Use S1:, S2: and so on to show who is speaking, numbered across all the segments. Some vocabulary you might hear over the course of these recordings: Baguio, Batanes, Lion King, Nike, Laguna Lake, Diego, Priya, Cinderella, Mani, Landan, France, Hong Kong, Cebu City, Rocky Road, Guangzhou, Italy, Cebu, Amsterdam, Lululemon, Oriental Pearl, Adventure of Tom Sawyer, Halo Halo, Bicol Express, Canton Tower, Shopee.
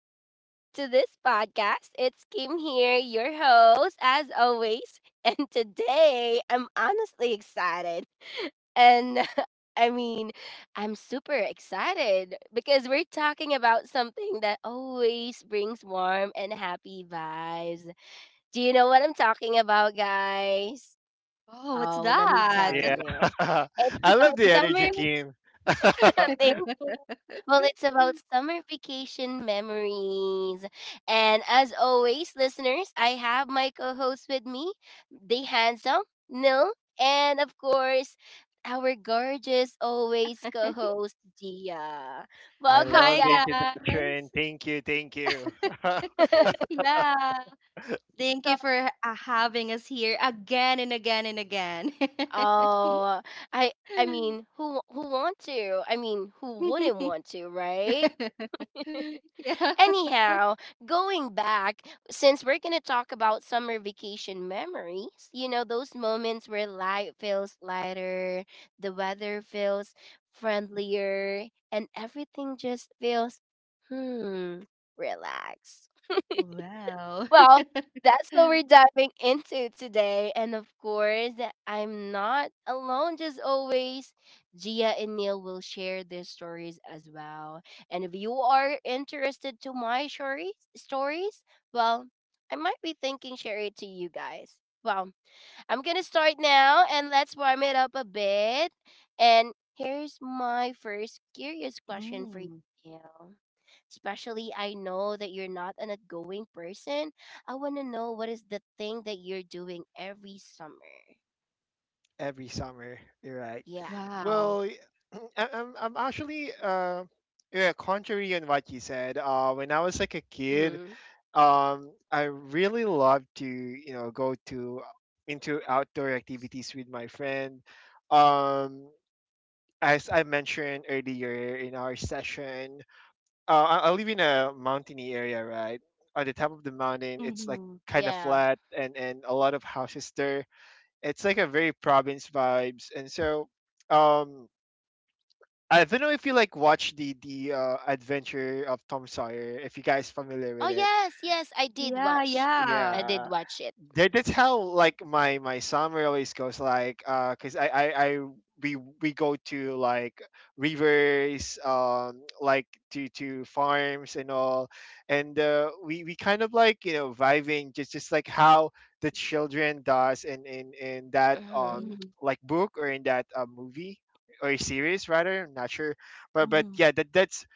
S1: welcome back to this podcast. It's Kim here, your host, as always. And today I'm honestly excited. And I mean, I'm super excited because we're talking about something that always brings warm and happy vibes. Do you know what I'm talking about, guys?
S2: Oh, what's
S1: Oh, let me
S2: that?
S1: tell
S3: Yeah.
S1: you. It's
S3: I love
S1: about
S3: the
S1: summer.
S3: energy, Kim.
S1: Thank you. Well, it's about summer vacation memories. And as always, listeners, I have my co host with me, the handsome Nil, and of course, our gorgeous, always co host, Dia.
S3: I
S1: Welcome,
S2: Hi,
S3: love the
S1: guys.
S3: introduction.
S2: guys.
S3: Thank you. Thank you.
S2: Yeah. Thank you for having us here again and again and again.
S1: Oh, I mean, who want to? I mean, who wouldn't want to, right?
S2: Yeah.
S1: Anyhow, going back, since we're going to talk about summer vacation memories, those moments where life feels lighter, the weather feels friendlier, and everything just feels, hmm, relaxed.
S2: Wow.
S1: Well, that's what we're diving into today. And of course, I'm not alone. Just always, Gia and Neil will share their stories as well. And if you are interested to my stories, well, I might be thinking share it to you guys. Well, I'm gonna start now and let's warm it up a bit. And here's my first curious question for you.
S2: Mm,
S1: Neil. Especially, I know that you're not an outgoing person. I want to know what is the thing that you're doing every summer.
S3: Every summer. You're right.
S1: Yeah.
S3: Well,
S2: wow.
S3: y- I'm actually, yeah, contrary on what you said, when I was like a kid,
S1: Mm-hmm.
S3: I really loved to, you know, go to into outdoor activities with my friend. Um, as I mentioned earlier in our session, I live in a mountainy area, right? On the top of the mountain, it's like
S2: Hmm.
S3: kind of
S1: Yeah.
S3: flat and a lot of houses there. It's like a very province vibes, and so um, I don't know if you like watch the Adventure of Tom Sawyer. If you guys familiar
S1: Oh
S3: with it
S1: yes, yes, I did
S2: Yeah,
S1: watch.
S2: yeah.
S1: I did
S3: yeah,
S1: watch it.
S3: that's how like my summer always goes like because I we go to like rivers like to farms and all and we kind of like, you know, vibing just like how the children does in that
S1: Mm-hmm.
S2: Mm-hmm.
S3: like book or in that movie or series rather, I'm not sure, but
S2: Mm-hmm.
S3: yeah, that's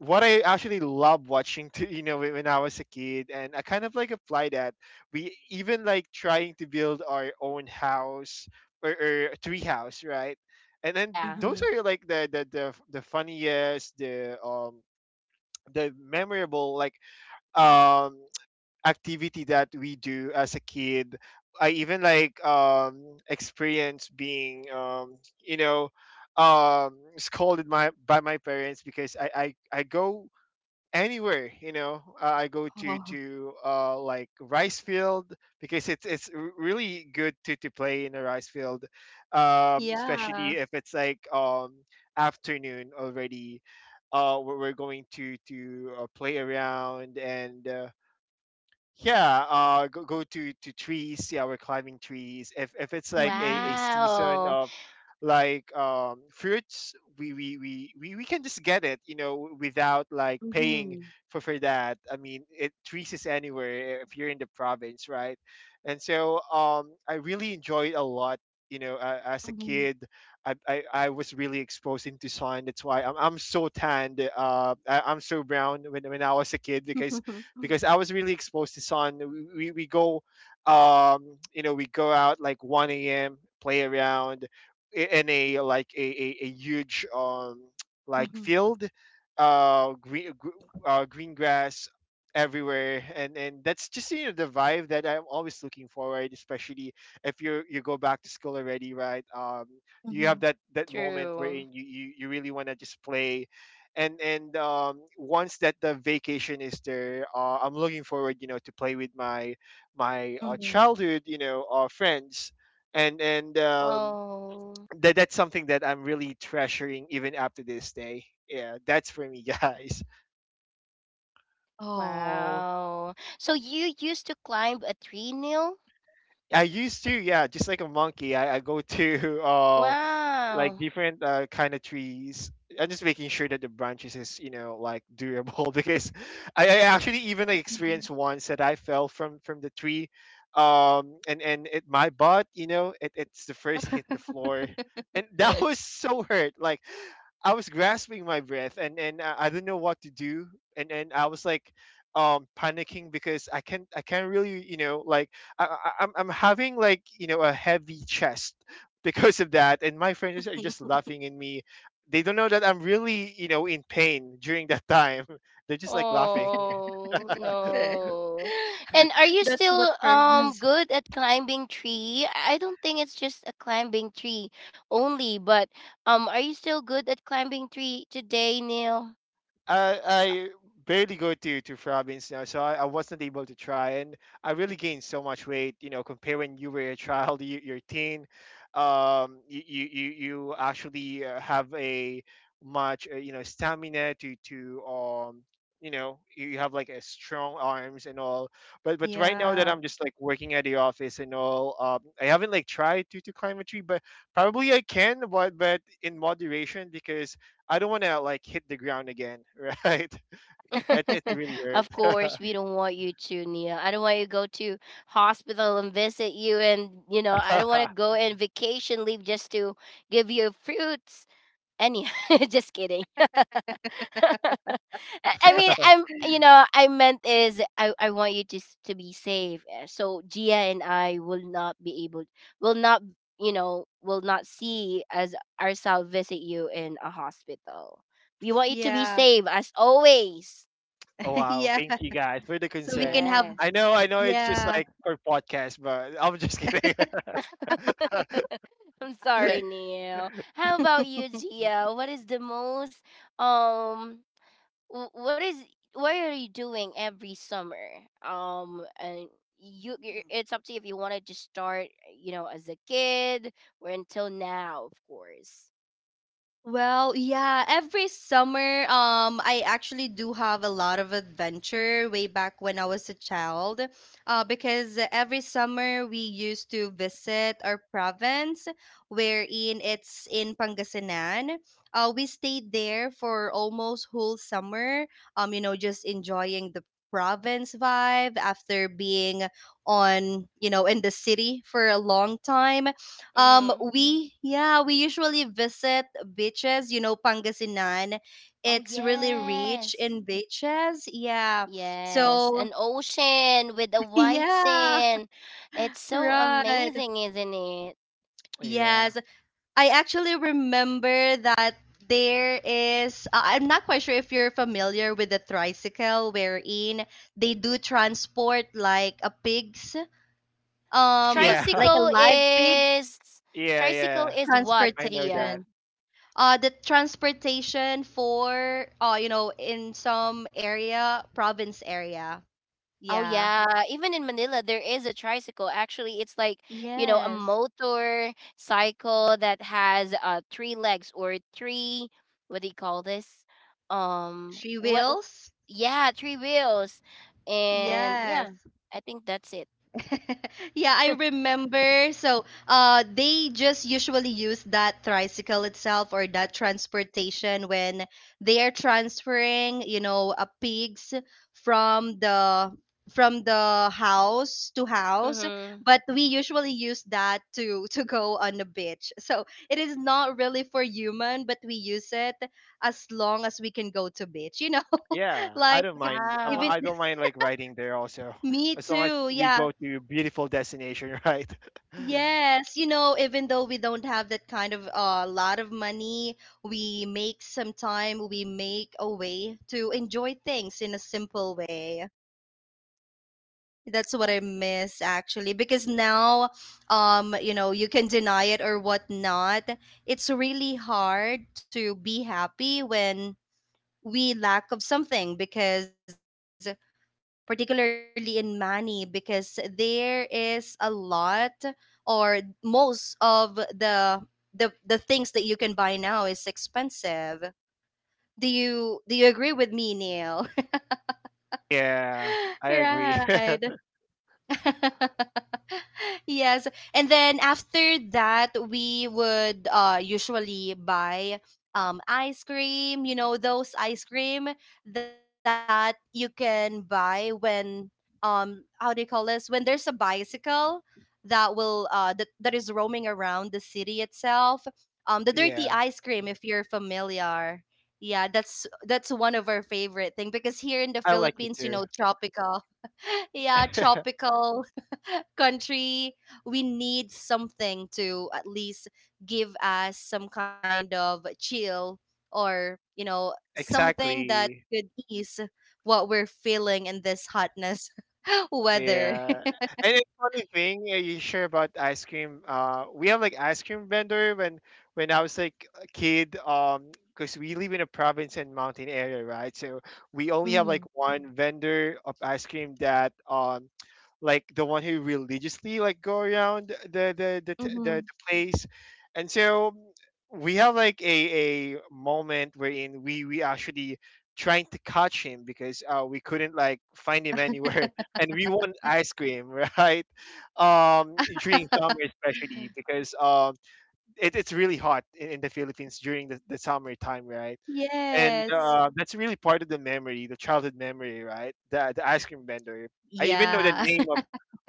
S3: what I actually love watching to you know, when I was a kid, and I kind of like apply that. We even like trying to build our own house, or tree house, right? And then
S1: Yeah.
S2: Mm-hmm.
S3: those are like the funniest, the the memorable, like um activity that we do as a kid. I even like experience being you know, scolded my by my parents because I go anywhere, you know, I go to
S2: Oh,
S3: to uh like rice field because it's really good to play in a rice field,
S2: yeah.
S3: especially if it's like afternoon already. We're going to play around, and yeah, go to trees, yeah, we're climbing trees if it's like
S2: Mm-hmm.
S3: a season
S1: Wow.
S3: of like fruits. We can just get it, you know, without like
S2: Mm-hmm.
S3: paying for that. I mean, it trees is anywhere, eh, if you're in the province, right? And so I really enjoyed a lot, you know, as a kid. I was really exposed into sun. That's why I'm so tanned. I'm so brown when I was a kid because
S2: Mm-hmm.
S3: I was really exposed to sun. Go, you know, we go out like 1 a.m., play around in a like a huge like field, uh, green gr- green grass everywhere, and that's just, you know, the vibe that I'm always looking forward, especially if you you go back to school already, right? You have
S2: Mm-hmm.
S3: that that moment
S1: True.
S3: wherein you really want to just play, and once that the vacation is there, I'm looking forward, you know, to play with my
S2: Mhm.
S3: childhood, you know, friends, and
S1: Oh.
S3: that that's something that I'm really treasuring even up to this day. Yeah, that's for me, guys.
S2: Oh.
S1: Wow. So you used to climb a tree, Neil?
S3: I used to, yeah, just like a monkey. I go to like
S1: Wow.
S3: different kind of trees. I'm just making sure that the branches is, you know, like durable because I actually even like
S2: Mhm.
S3: experienced once that I fell from the tree, and it my butt, you know, it's the first hit the floor, and that was so hurt like. I was grasping my breath, and I didn't know what to do, and I was like panicking because I can't really, you know, like I'm having like, you know, a heavy chest because of that, and my friends are just laughing at me. They don't know that I'm really, you know, in pain during that time. They're just like laughing.
S1: Oh no. And are you
S2: That's what
S1: still
S2: purpose.
S1: good at climbing tree? I don't think it's just a climbing tree only, but are you still good at climbing tree today, Neil?
S3: I barely go to province now, so I wasn't able to try, and I really gained so much weight. You know, compare when you were a child, you're teen, you actually have a much you know, stamina to you know, you have like a strong arms and all, but right now that
S2: Yeah.
S3: I'm just like working at the office and all, I haven't like tried to climb a tree, but probably I can, but in moderation because I don't want to like hit the ground again, right? It really hurt.
S1: Of course, we don't want you to, Neil. I don't want you to go to hospital and visit you and I don't want to go in vacation leave just to give you fruits. Any, just kidding. I I mean, I'm, you know, I meant is I want you to to be safe. So Gia and I will not be able, will not, you know, will not see as ourselves visit you in a hospital. We want you to be
S2: Yeah.
S1: safe as always.
S3: Oh, wow,
S2: Yeah.
S3: thank you guys for the
S2: So we can
S3: concern.
S2: have
S1: Yes.
S3: I know, it's just
S2: yeah.
S3: like for podcast, but I'm just kidding.
S1: I'm sorry, Neil. How about you, Gia? What is the most um wh- what is what are you doing every summer and it's up to you if you wanted to start as a kid or until now of course.
S2: Well, yeah, every summer, I actually do have a lot of adventure way back when I was a child. Because every summer we used to visit our province, wherein it's in Pangasinan. We stayed there for almost whole summer. Just enjoying the province vibe after being in the city for a long time.
S1: Mm.
S2: We yeah, we usually visit beaches, Pangasinan.
S1: Oh
S2: It's really rich
S1: yes,
S2: in beaches. Yeah.
S1: yes,
S2: So,
S1: an ocean with a white
S2: yeah,
S1: sand. It's so
S2: right.
S1: amazing, isn't it?
S3: yeah,
S2: Yes, I actually remember that there is. I'm not quite sure if you're familiar with the tricycle, wherein they do transport like a pig's, um,
S3: yeah,
S2: like a
S1: Tricycle
S2: live pig
S1: is
S3: yeah, yeah.
S1: what,
S3: I know
S1: Gia?
S3: that.
S2: transportation. The transportation for, in some area, province area.
S1: Oh
S2: Yeah.
S1: yeah, even in Manila there is a tricycle. Actually, it's like, you know, a
S2: Yes.
S1: motor cycle that has three legs or three what do you call this?
S2: She
S1: What
S2: wills.
S1: yeah, three wheels. And
S2: Yes.
S1: yeah, I think that's it.
S2: Yeah, I remember. So, they just usually use that tricycle itself or that transportation when they are transferring, pigs from the house to house.
S1: Mhm.
S2: But we usually use that to to go on the beach. So it is not really for human, but we use it as long as we can go to beach. You know,
S3: Yeah, I
S2: like
S3: don't mind.
S2: even
S3: I'm,
S1: Wow.
S3: I don't mind like riding there also,
S2: me
S3: as long as
S2: too.
S3: we
S2: Yeah.
S3: go to beautiful destination, right?
S2: Yes, you know, even though we don't have that kind of a lot of money, we make some time, we make a way to enjoy things in a simple way. That's what I miss actually, because now, you can deny it or whatnot. It's really hard to be happy when we lack of something because particularly in Mani because there is a lot or most of the things that you can buy now is expensive. Do you agree with me, Neil?
S3: Yeah, I agree.
S2: Right. Yes. And then after that, we would usually buy ice cream, those ice cream that you can buy when how do you call this? When there's a bicycle that will that is roaming around the city itself. The dirty
S3: yeah,
S2: ice cream if you're familiar. Yeah, that's one of our favorite thing because here in the
S3: I like it
S2: Philippines,
S3: too.
S2: tropical yeah, tropical country we need something to at least give us some kind of chill or something that
S3: Exactly.
S2: could ease what we're feeling in this hotness weather.
S3: Yeah, and it's funny thing, you share about ice cream. We have like ice cream vendor when I was like a kid. Because we live in a province and mountain area, right? So we only have like
S2: Hmm.
S3: one vendor of ice cream that like the one who religiously like go around the
S2: Hmm.
S3: place, and so we have like a moment wherein we actually trying to catch him because we couldn't like find him anywhere, and we want ice cream, right? During summer especially because it, it's really hot in the Philippines during the summer time, right? And
S2: Yes.
S3: that's really part of the memory, the childhood memory, right? The ice cream vendor. I even know the
S2: Yeah.
S3: name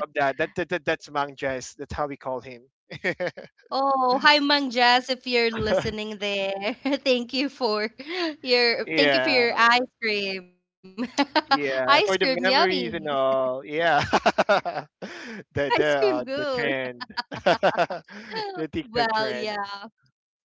S3: of that. That's Mang Jess. That's how we call him.
S2: Oh, hi Mang Jazz, if you're listening there. Thank you for your thank you for
S3: yeah,
S2: your ice cream. Ice cream
S3: yeah. For the
S2: yummy.
S3: memories and all. Yeah.
S2: Ice cream good.
S3: The trend, the TikTok
S2: Well,
S3: trend.
S2: yeah.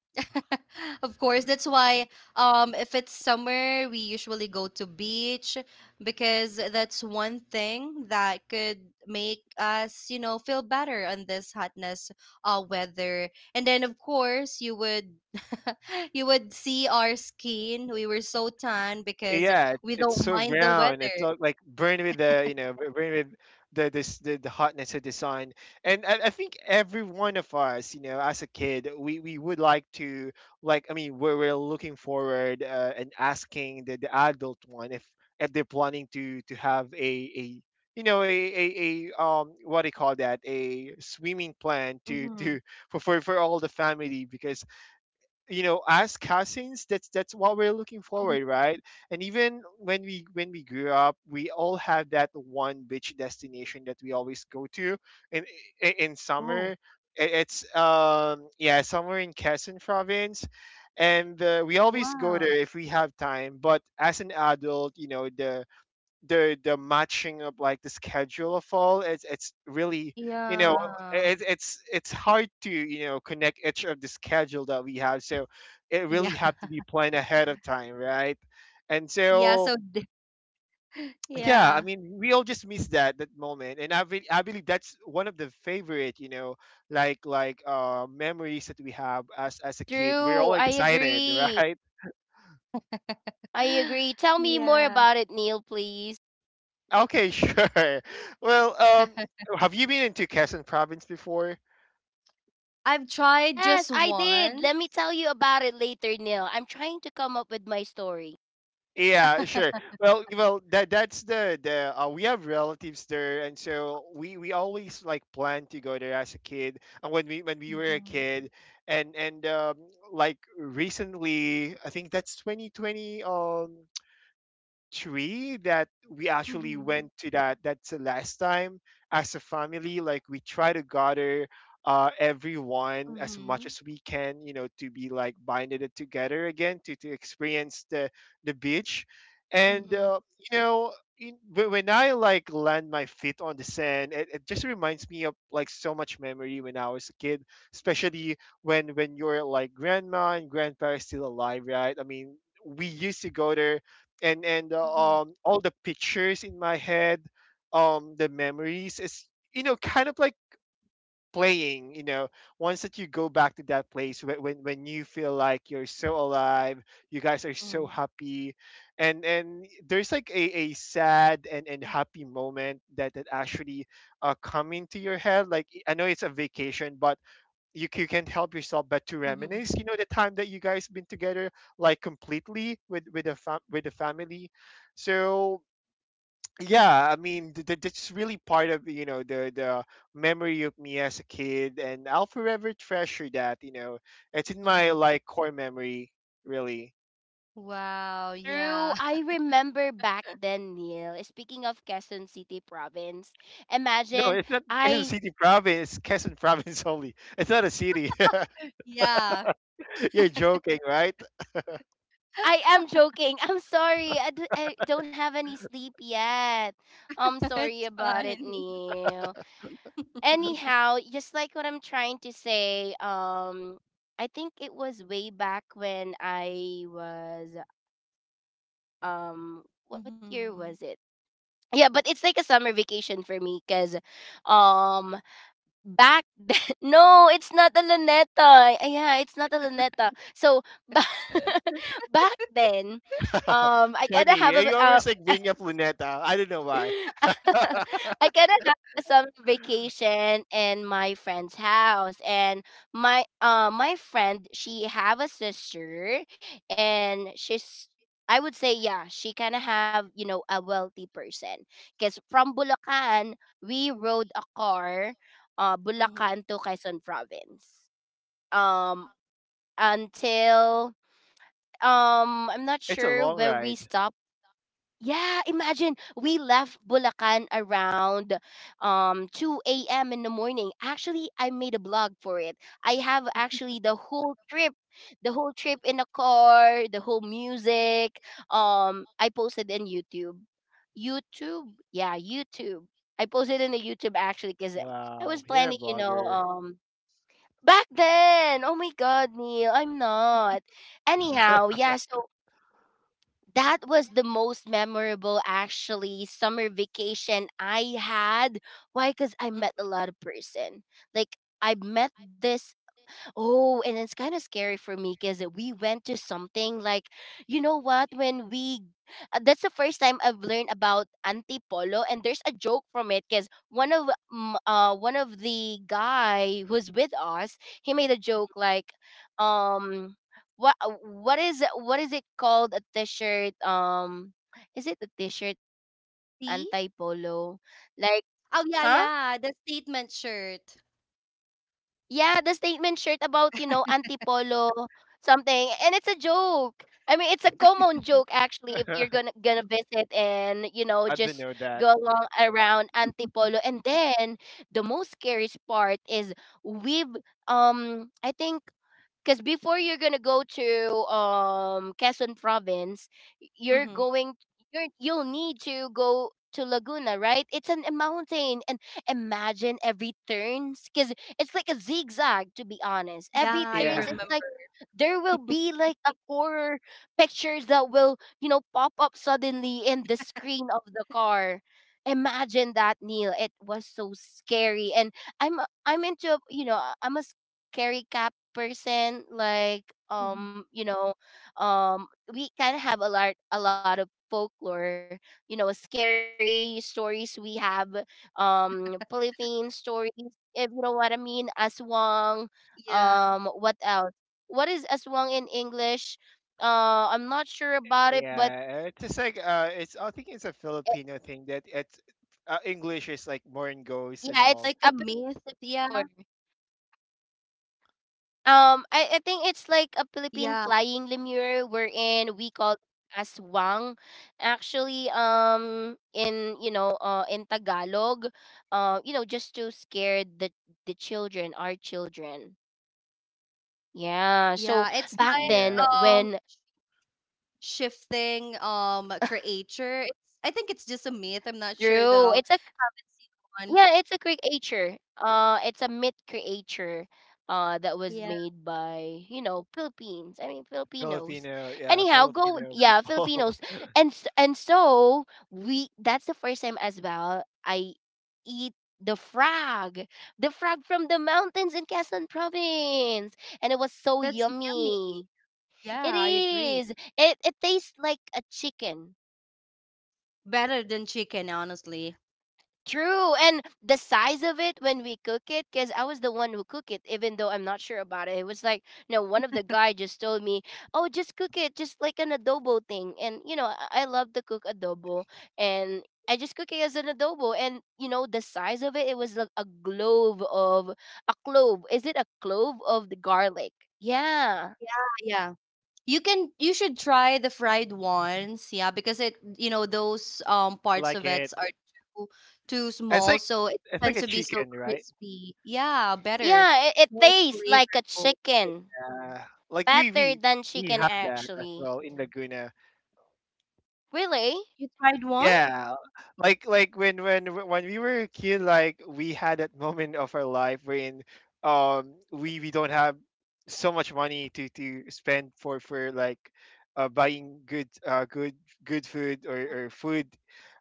S2: Of course, that's why if it's summer, we usually go to beach because that's one thing that could make us, feel better on this hotness weather. And then of course, you would you would see our skin. We were so tan because
S3: Yeah,
S2: we
S3: it's
S2: don't
S3: so
S2: mind the
S3: brown. It's
S2: weather.
S3: all like burned with the, you know, burned with the hotness of the sun. And I think every one of us, you know, as a kid, we would like to, like, I mean, we're looking forward, and asking the adult one if they're planning to have a, you know, a, what do you call that, a swimming plan
S2: Hmm.
S3: to for all the family, because, you know, as cousins, that's what we're looking
S2: Hmm.
S3: forward, right? And even when we grew up, we all have that one beach destination that we always go to in in
S2: Oh,
S3: summer. It's, yeah, somewhere in Quezon province, and we always
S2: wow.
S3: go there if we have time, but as an adult, you know, the matching of like the schedule of all, it's really, you know,
S2: Yeah.
S3: it's hard to, you know, connect each of the schedule that we have, so it
S2: Yeah.
S3: really have to be planned ahead of time, right? And
S2: Yeah,
S3: so yeah,
S2: yeah.
S3: I mean, we all just miss that moment, and I believe that's one of the favorite, you know, like memories that we have as a kid. We're all
S1: True. I
S3: excited,
S1: agree.
S3: right?
S1: I agree. Tell me more
S2: Yeah,
S1: about it, Neil, please.
S3: Okay, sure. Well, have you been into Quezon province before?
S2: I've tried
S1: Yes,
S2: just
S1: I did.
S2: once.
S1: Let me tell you about it later, Neil. I'm trying to come up with my story.
S3: Yeah, sure. Well, that's the we have relatives there, and so we always like plan to go there as a kid, and when we were a
S2: Mhm.
S3: kid, and like recently, I think that's 2020. Tree that we actually went
S2: Mhm.
S3: to that's the last time as a family, like we try to gather everyone as much
S2: Mhm.
S3: as we can, you know, to be like binded it together again to experience the beach and
S2: Mhm.
S3: you know when I like land my feet on the sand, it just reminds me of like so much memory when I was a kid, especially when your like grandma and grandpa is still alive, right? I mean, we used to go there. and and
S2: Mhm.
S3: uh, um all the pictures in my head, the memories is, you know, kind of like playing, you know, once that you go back to that place, when you feel like you're so alive, you guys are so
S2: Mhm.
S3: happy. And there's like a sad and happy moment that actually come into your head. Like, I know it's a vacation, but you can't help yourself but to
S2: Mhm.
S3: reminisce, you know, the time that you guys been together, like completely with with the family. So yeah, I mean, that's really part of, you know, the memory of me as a kid, and I'll forever treasure that, you know. It's in my
S2: Mhm.
S3: like core memory really.
S2: Wow, yeah.
S1: True. I remember back then, Neil. Speaking of Quezon City province,
S3: No,
S1: imagine.
S3: it's not quezon
S1: I
S3: city province, quezon province only, it's not a city.
S2: Yeah.
S3: You're joking, right?
S1: I am joking. I'm sorry. I don't have any sleep yet. I'm sorry
S2: It's
S1: about
S2: fun.
S1: it, Neil. Anyhow, just like what I'm trying to say, I think it was way back when I was, what year
S2: Mhm.
S1: was it? Yeah, but it's like a summer vacation for me cuz um back then. No, it's not a Luneta. Yeah, it's not a Luneta. So ba- back then, I kind of have
S3: Funny,
S1: a,
S3: you always like bring up luneta, I don't know why.
S1: I cannot have a summer vacation in my friend's house, and my friend she have a sister, and she's, I would say, yeah, she kind of have a wealthy person, cause from Bulacan we rode a car, Bulacan to Quezon Province, um until I'm not
S3: It's a
S1: sure
S3: long
S1: where we
S3: ride.
S1: stopped. Yeah, imagine we left Bulacan around 2 a.m. in the morning. Actually, I made a blog for it. I have actually the whole trip in the car, the whole music. I posted in YouTube. YouTube. Yeah, YouTube. I posted in the YouTube actually cuz I
S3: Wow,
S1: was
S3: you're a
S1: planning, you know,
S3: blogger.
S1: back then. Oh my god, Neil, I'm not.
S2: Mhm.
S1: Anyhow, yeah, so that was the most memorable actually summer vacation I had. Why? Because I
S2: Mm,
S1: met a lot of person. Like I met this. Oh, and it's kind of scary for me because we went to something like, you know what? That's the first time I've learned about antipolo, and there's a joke from it because one of the guy who's with us, he made a joke
S2: mhm.
S1: like, um, what is it called a t-shirt? Is it a T-shirt
S2: See?
S1: anti-polo? Like, huh?
S2: Oh yeah, yeah, the statement shirt.
S1: Yeah, the statement shirt about, you know, antipolo something, and it's a joke. I mean, it's a common joke actually. If you're gonna gonna visit and you know
S3: I didn't
S1: just
S3: know that.
S1: go along around antipolo, and then the most scariest part is we've I think because before you're gonna go to Quezon province, y- you're
S2: Mhm.
S1: going you're you'll need to go to Laguna, right? It's a mountain, and imagine every turns because it's like a zigzag. To be honest, every
S2: Yeah, I
S1: turns
S3: Yeah,
S1: it's like
S2: remember.
S1: there will be like a horror pictures that will you know pop up suddenly in the screen of the car. Imagine that, Neil. It was so scary, and I'm into you know, I'm a carry cap person like
S2: Mhm.
S1: you know, um we kind of have a lot of folklore, you know, scary stories we have, polyphene stories, if you know what I mean, aswang,
S2: Yeah.
S1: what else, what is aswang in English? I'm not sure about it, but
S3: yeah. It's just like it's
S1: eh,
S3: I think it's a Filipino thing that it's
S2: Like a myth.
S3: English
S1: yeah,
S2: Yeah.
S3: is like
S1: it's a
S3: more in goes
S1: Filipino
S3: and all.
S1: humor. I think it's like a
S2: Yeah.
S1: Philippine flying lemur wherein we call as wang. Actually, in in Tagalog, you know, just to scare the children, our children. Yeah.
S2: Yeah.
S1: So
S2: It's
S1: back then,
S2: like um
S3: Yeah,
S1: when,
S2: shifting creature. It's I think it's just a myth. I'm not sure though.
S1: true, it's a.
S2: One.
S1: Yeah, it's a creature. It's a myth creature. That
S2: Yeah.
S1: was made by Philippines. I mean Filipinos.
S3: Filipino. Yeah,
S1: Anyhow, go
S3: Filipino
S1: yeah,
S3: people.
S1: Filipinos,
S3: I
S1: and and so we. That's the first time as well I eat the frog, from the mountains in Quezon province, and it was so
S2: That's yummy.
S1: yummy.
S2: Yeah,
S1: It
S2: I agree.
S1: is. It tastes like a chicken.
S2: Better than chicken, honestly.
S1: True, and the size of it when we cook it, because I was the one who cook it, even though I'm not sure about it. It was like, you know, one of the guy just told me, "Oh, just cook it, just like an adobo thing." And you know, I love to cook adobo, and I just cook it as an adobo. And you know, the size of it, it was like a clove. Is it a clove of the garlic? Yeah,
S2: Yeah. Yeah. You should try the fried ones, yeah, because it those parts
S3: like
S2: of it
S3: it.
S2: are too too
S3: It's
S2: small,
S3: like
S2: so it
S3: it's like
S2: tends
S3: a
S2: to be so
S3: chicken, right?
S2: crispy. Yeah, better,
S1: yeah. It
S2: more
S1: tastes like a
S2: flavorful.
S1: chicken,
S3: Yeah, like we
S1: better
S3: we
S1: than
S3: we
S1: chicken
S3: have that as
S1: actually.
S3: well in Laguna.
S1: Really?
S2: You tried one?
S3: Yeah, like when when we were a kid, like we had that moment of our life when we don't have so much money to spend for like buying good good good food, or food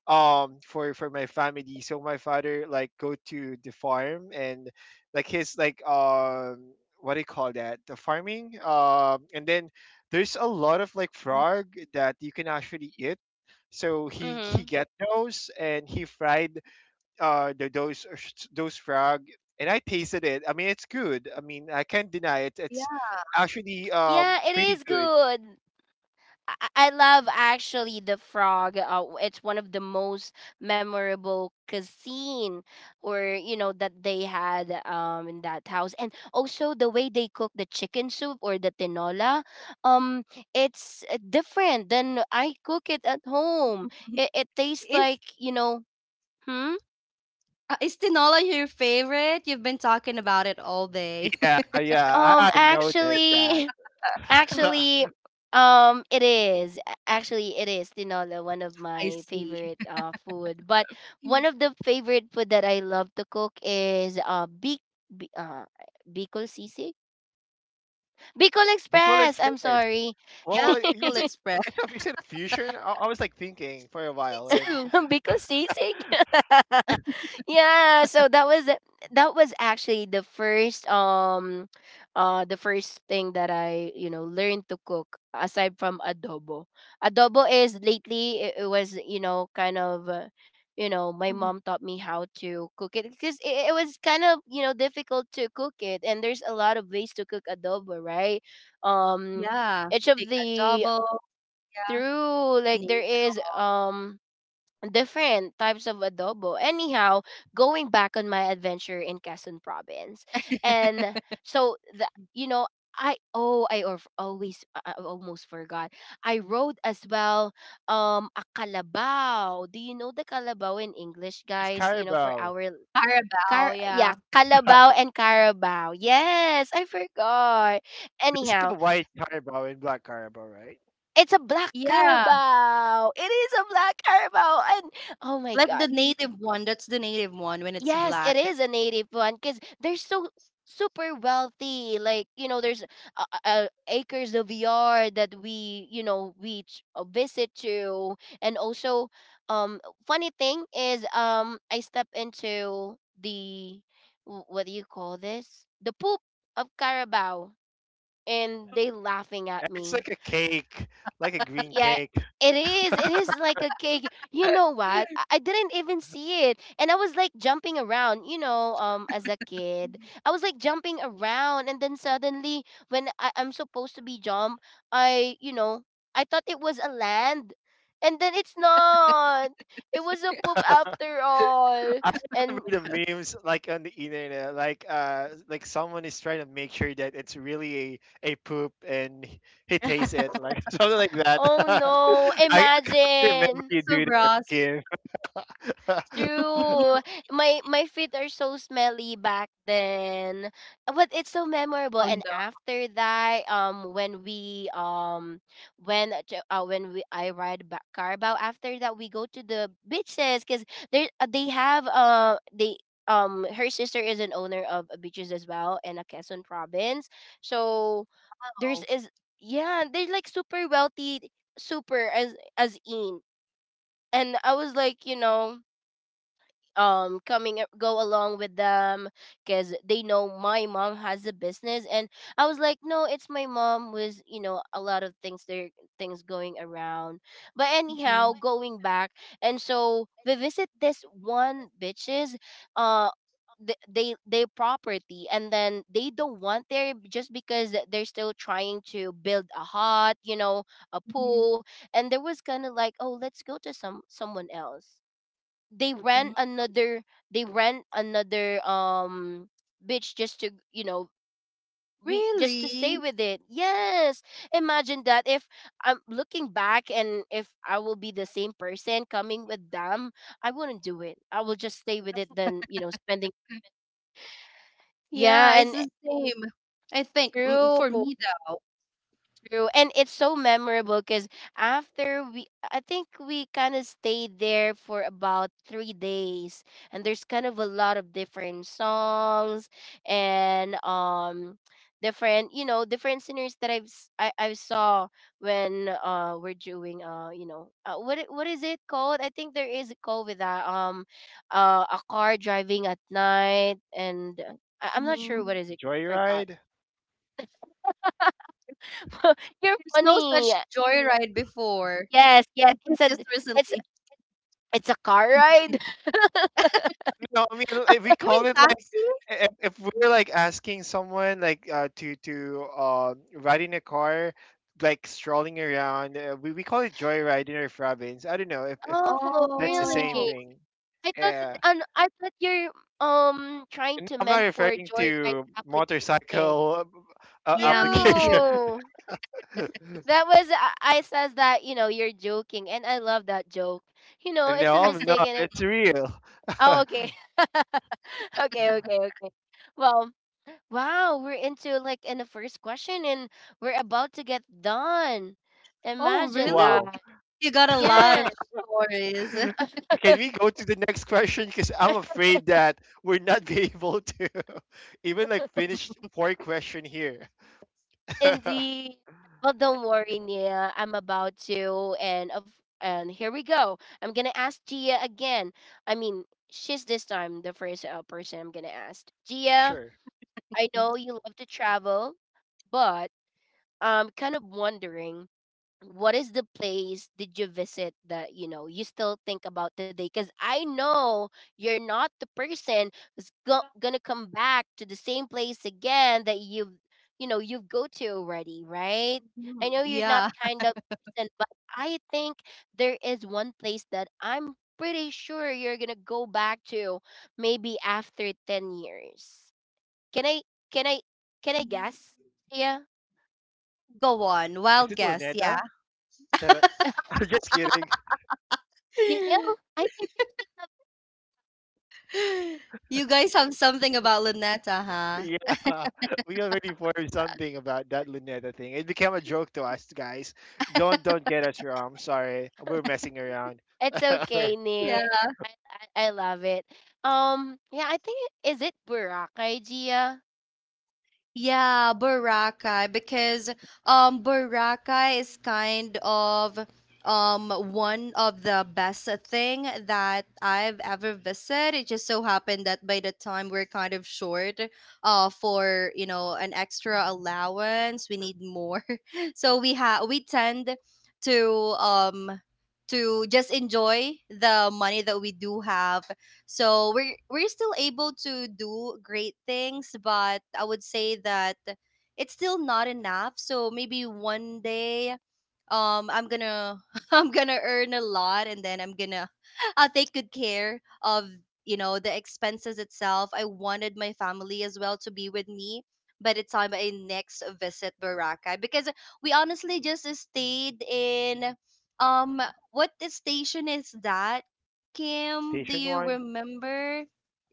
S3: for my family. So my father like go to the farm and like his like what do you call that, the farming, and then there's a lot of like frog that you can actually eat, so he
S1: Mm-hmm.
S3: get those and he fried the, those frog, and I tasted it. I mean it's good. I mean I can't deny it.
S2: Yeah.
S3: It's actually
S1: Yeah, it
S3: pretty
S1: is
S3: good.
S1: good. I love actually the frog. It's one of the most memorable cuisine, or you know that they had in that house, and also the way they cook the chicken soup or the tinola, um, it's different than I cook it at home. It tastes
S2: Is
S1: like you know, hmm.
S2: is tinola your favorite? You've been talking about it all day.
S3: Yeah, yeah, I noticed that.
S1: Actually, Actually, it is. Actually, it is tinola, one of
S2: I
S1: my
S2: see.
S1: favorite food. But one
S2: Mm.
S1: of the favorite food that I love to cook is Bi- uh Bicol Bicol
S3: Bicol
S1: Express. I'm
S3: Express.
S1: sorry.
S2: Yeah,
S3: Well,
S2: pickle express.
S3: it's a is it a fusion? I was like thinking for a
S2: Me
S3: while, and
S2: too.
S1: because seasick. Yeah, so that was actually the first thing that I, you know, learned to cook aside from adobo. Adobo is lately it was, you know, kind of you know, my
S2: Mhm.
S1: mom taught me how to cook it because it was kind of, you know, difficult to cook it and there's a lot of ways to cook adobo, right? Um
S2: Yeah, putting
S1: each of
S2: adobo.
S1: the
S2: Yeah,
S1: through like
S2: name
S1: there
S2: it.
S1: is different types of adobo. Anyhow, going back on my adventure in Quezon province. And so the you know, I oh always I almost forgot. I rode as well a kalabaw. Do you know the kalabaw in English,
S3: it's
S1: guys? You know, for
S3: Carabao.
S1: our
S2: Carabao.
S1: car, yeah,
S2: Yeah.
S1: kalabaw and carabao. Yes, I forgot.
S3: It's like
S1: Anyhow,
S3: a white Carabao and black Carabao, right?
S1: it's a black
S2: Yeah.
S1: carabao. It is a black carabao and. Oh my
S2: Like the
S1: god.
S2: native one. That's the native one when it's
S1: Yes, it
S2: black. That's
S1: is a native one because they're so super wealthy. Like you know, there's acres of yard that we visit to, and also, um, funny thing is, I step into the what do you call this? The poop of Carabao, and they laughing at
S3: And it's
S1: me.
S3: like a cake, like a green
S1: Yeah,
S3: cake.
S1: it is. It is like a cake. You know what? I didn't even see it. And I was like jumping around, as a kid. I was like jumping around and then suddenly when I'm supposed to be jump, I I thought it was a land. And then it's not. It was a poop after all.
S3: I
S1: And
S3: remember the memes like on the internet, like someone is trying to make sure that it's really a poop, and he tastes it, like something like that.
S1: oh no,
S3: I can't remember
S1: imagine.
S3: you
S2: so
S3: do that,
S2: gross.
S3: Kim.
S1: True. My feet are so smelly back then. But it's so memorable.
S2: Oh
S1: And
S2: no.
S1: after that, when we when ch- when we I ride back Carabao. After that we go to the beaches, cuz there, they have they her sister is an owner of a beaches as well in a Quezon province. So there's is, yeah, they're like super wealthy, super as in. And I was like, coming, go along with them, because they know my mom has a business. And I was like, no, it's my mom with, a lot of things there, things going around. But
S2: Mhm.
S1: anyhow, going back, and so we visit this one bitches, uh they property, and then they don't want there just because they're still trying to build a hut, a
S2: Mhm.
S1: pool. And there was kind of like, oh, let's go to someone else. they
S2: Mhm.
S1: rent another they rent another um beach, just to, we just to stay
S2: Really?
S1: with it. Yes, imagine that. If I'm looking back, and if I will be the same person coming with them, I wouldn't do it. I will just stay with it than, spending.
S2: Yeah,
S1: Yeah,
S2: it's
S1: and
S2: the same. I think
S1: true.
S2: for me though,
S1: True. And it's so memorable because after we, I think we kind of stayed there for about 3 days. And there's kind of a lot of different songs and different, you know, different singers that I saw when we're doing, what is it called? I think there is a call with that, a car driving at night. And, I'm not
S2: mm,
S1: sure what is it. I forgot.
S3: Joyride.
S1: You're
S2: there's no
S1: funny.
S2: such joyride before.
S1: Yes, yes.
S2: It's just
S1: It's
S2: recently.
S1: it's a car ride.
S3: No, I mean if we
S2: You mean
S3: call it like
S2: taxi?
S3: if we're like asking someone like to ride in a car, like strolling around, we call it joyride in our province. I don't know if
S1: Oh,
S3: that's the same
S2: Oh,
S1: really?
S3: thing. Yeah.
S1: I thought you're trying
S3: No,
S1: to
S3: I'm not
S1: meant for
S3: referring
S1: joyride
S3: to
S1: application.
S3: motorcycle
S2: yeah, me
S3: application.
S2: too.
S1: True. That was, I says that you know you're joking, and I love that joke. You know it's a
S3: No, I'm
S1: mistake,
S3: not.
S1: and it.
S3: It's real.
S1: Oh, okay. Okay, okay, okay. Well, wow, we're into like in the first question, and we're about to get done.
S2: Oh,
S1: Imagine
S2: really?
S3: Wow.
S1: that.
S2: You got a lot of
S1: Yes.
S2: stories.
S3: Can we go to the next question? Because I'm afraid that we're not be able to even like finish four question here.
S1: Indeed. Well, don't worry, Nia. I'm about to, and here we go. I'm gonna ask Gia again. I mean, she's this time the first, person I'm gonna ask. Gia,
S3: Sure.
S1: I know you love to travel, but I'm kind of wondering what is the place did you visit that you know you still think about today. Because I know you're not the person who's gonna come back to the same place again that you've, you know, you've go to already, right? I
S2: Mhm,
S1: know you're not
S2: yeah.
S1: kind of person, but I think there is one place that I'm pretty sure you're gonna go back to maybe after 10 years. Can i can i can i guess? Yeah,
S2: Go on.
S3: Is it
S2: Wild guess.
S3: Luneta?
S2: Yeah.
S3: Tara- I'm just kidding.
S1: Neil, I think you still have.
S2: You guys have something about Luneta, huh?
S3: Yeah, we already formed something about that Luneta thing. It became a joke to us, guys. Don't get us wrong. I'm sorry, we're messing around.
S1: It's okay, Neil. I, I love it. Yeah, I think, is it Boracay, Gia?
S2: Yeah, Boracay because Boracay is kind of one of the best thing that I've ever visited. It just so happened that by the time we're kind of short for, an extra allowance, we need more. So we tend to um to just enjoy the money that we do have so we're still able to do great things, but I would say that it's still not enough. So maybe one day, I'm gonna I'm gonna earn a lot and then I'm gonna I'll take good care of the expenses itself. I wanted my family as well to be with me by the time I next visit Boracay because we honestly just stayed in um what the station is that, Kim, do
S3: Station
S2: you
S3: one,
S2: remember?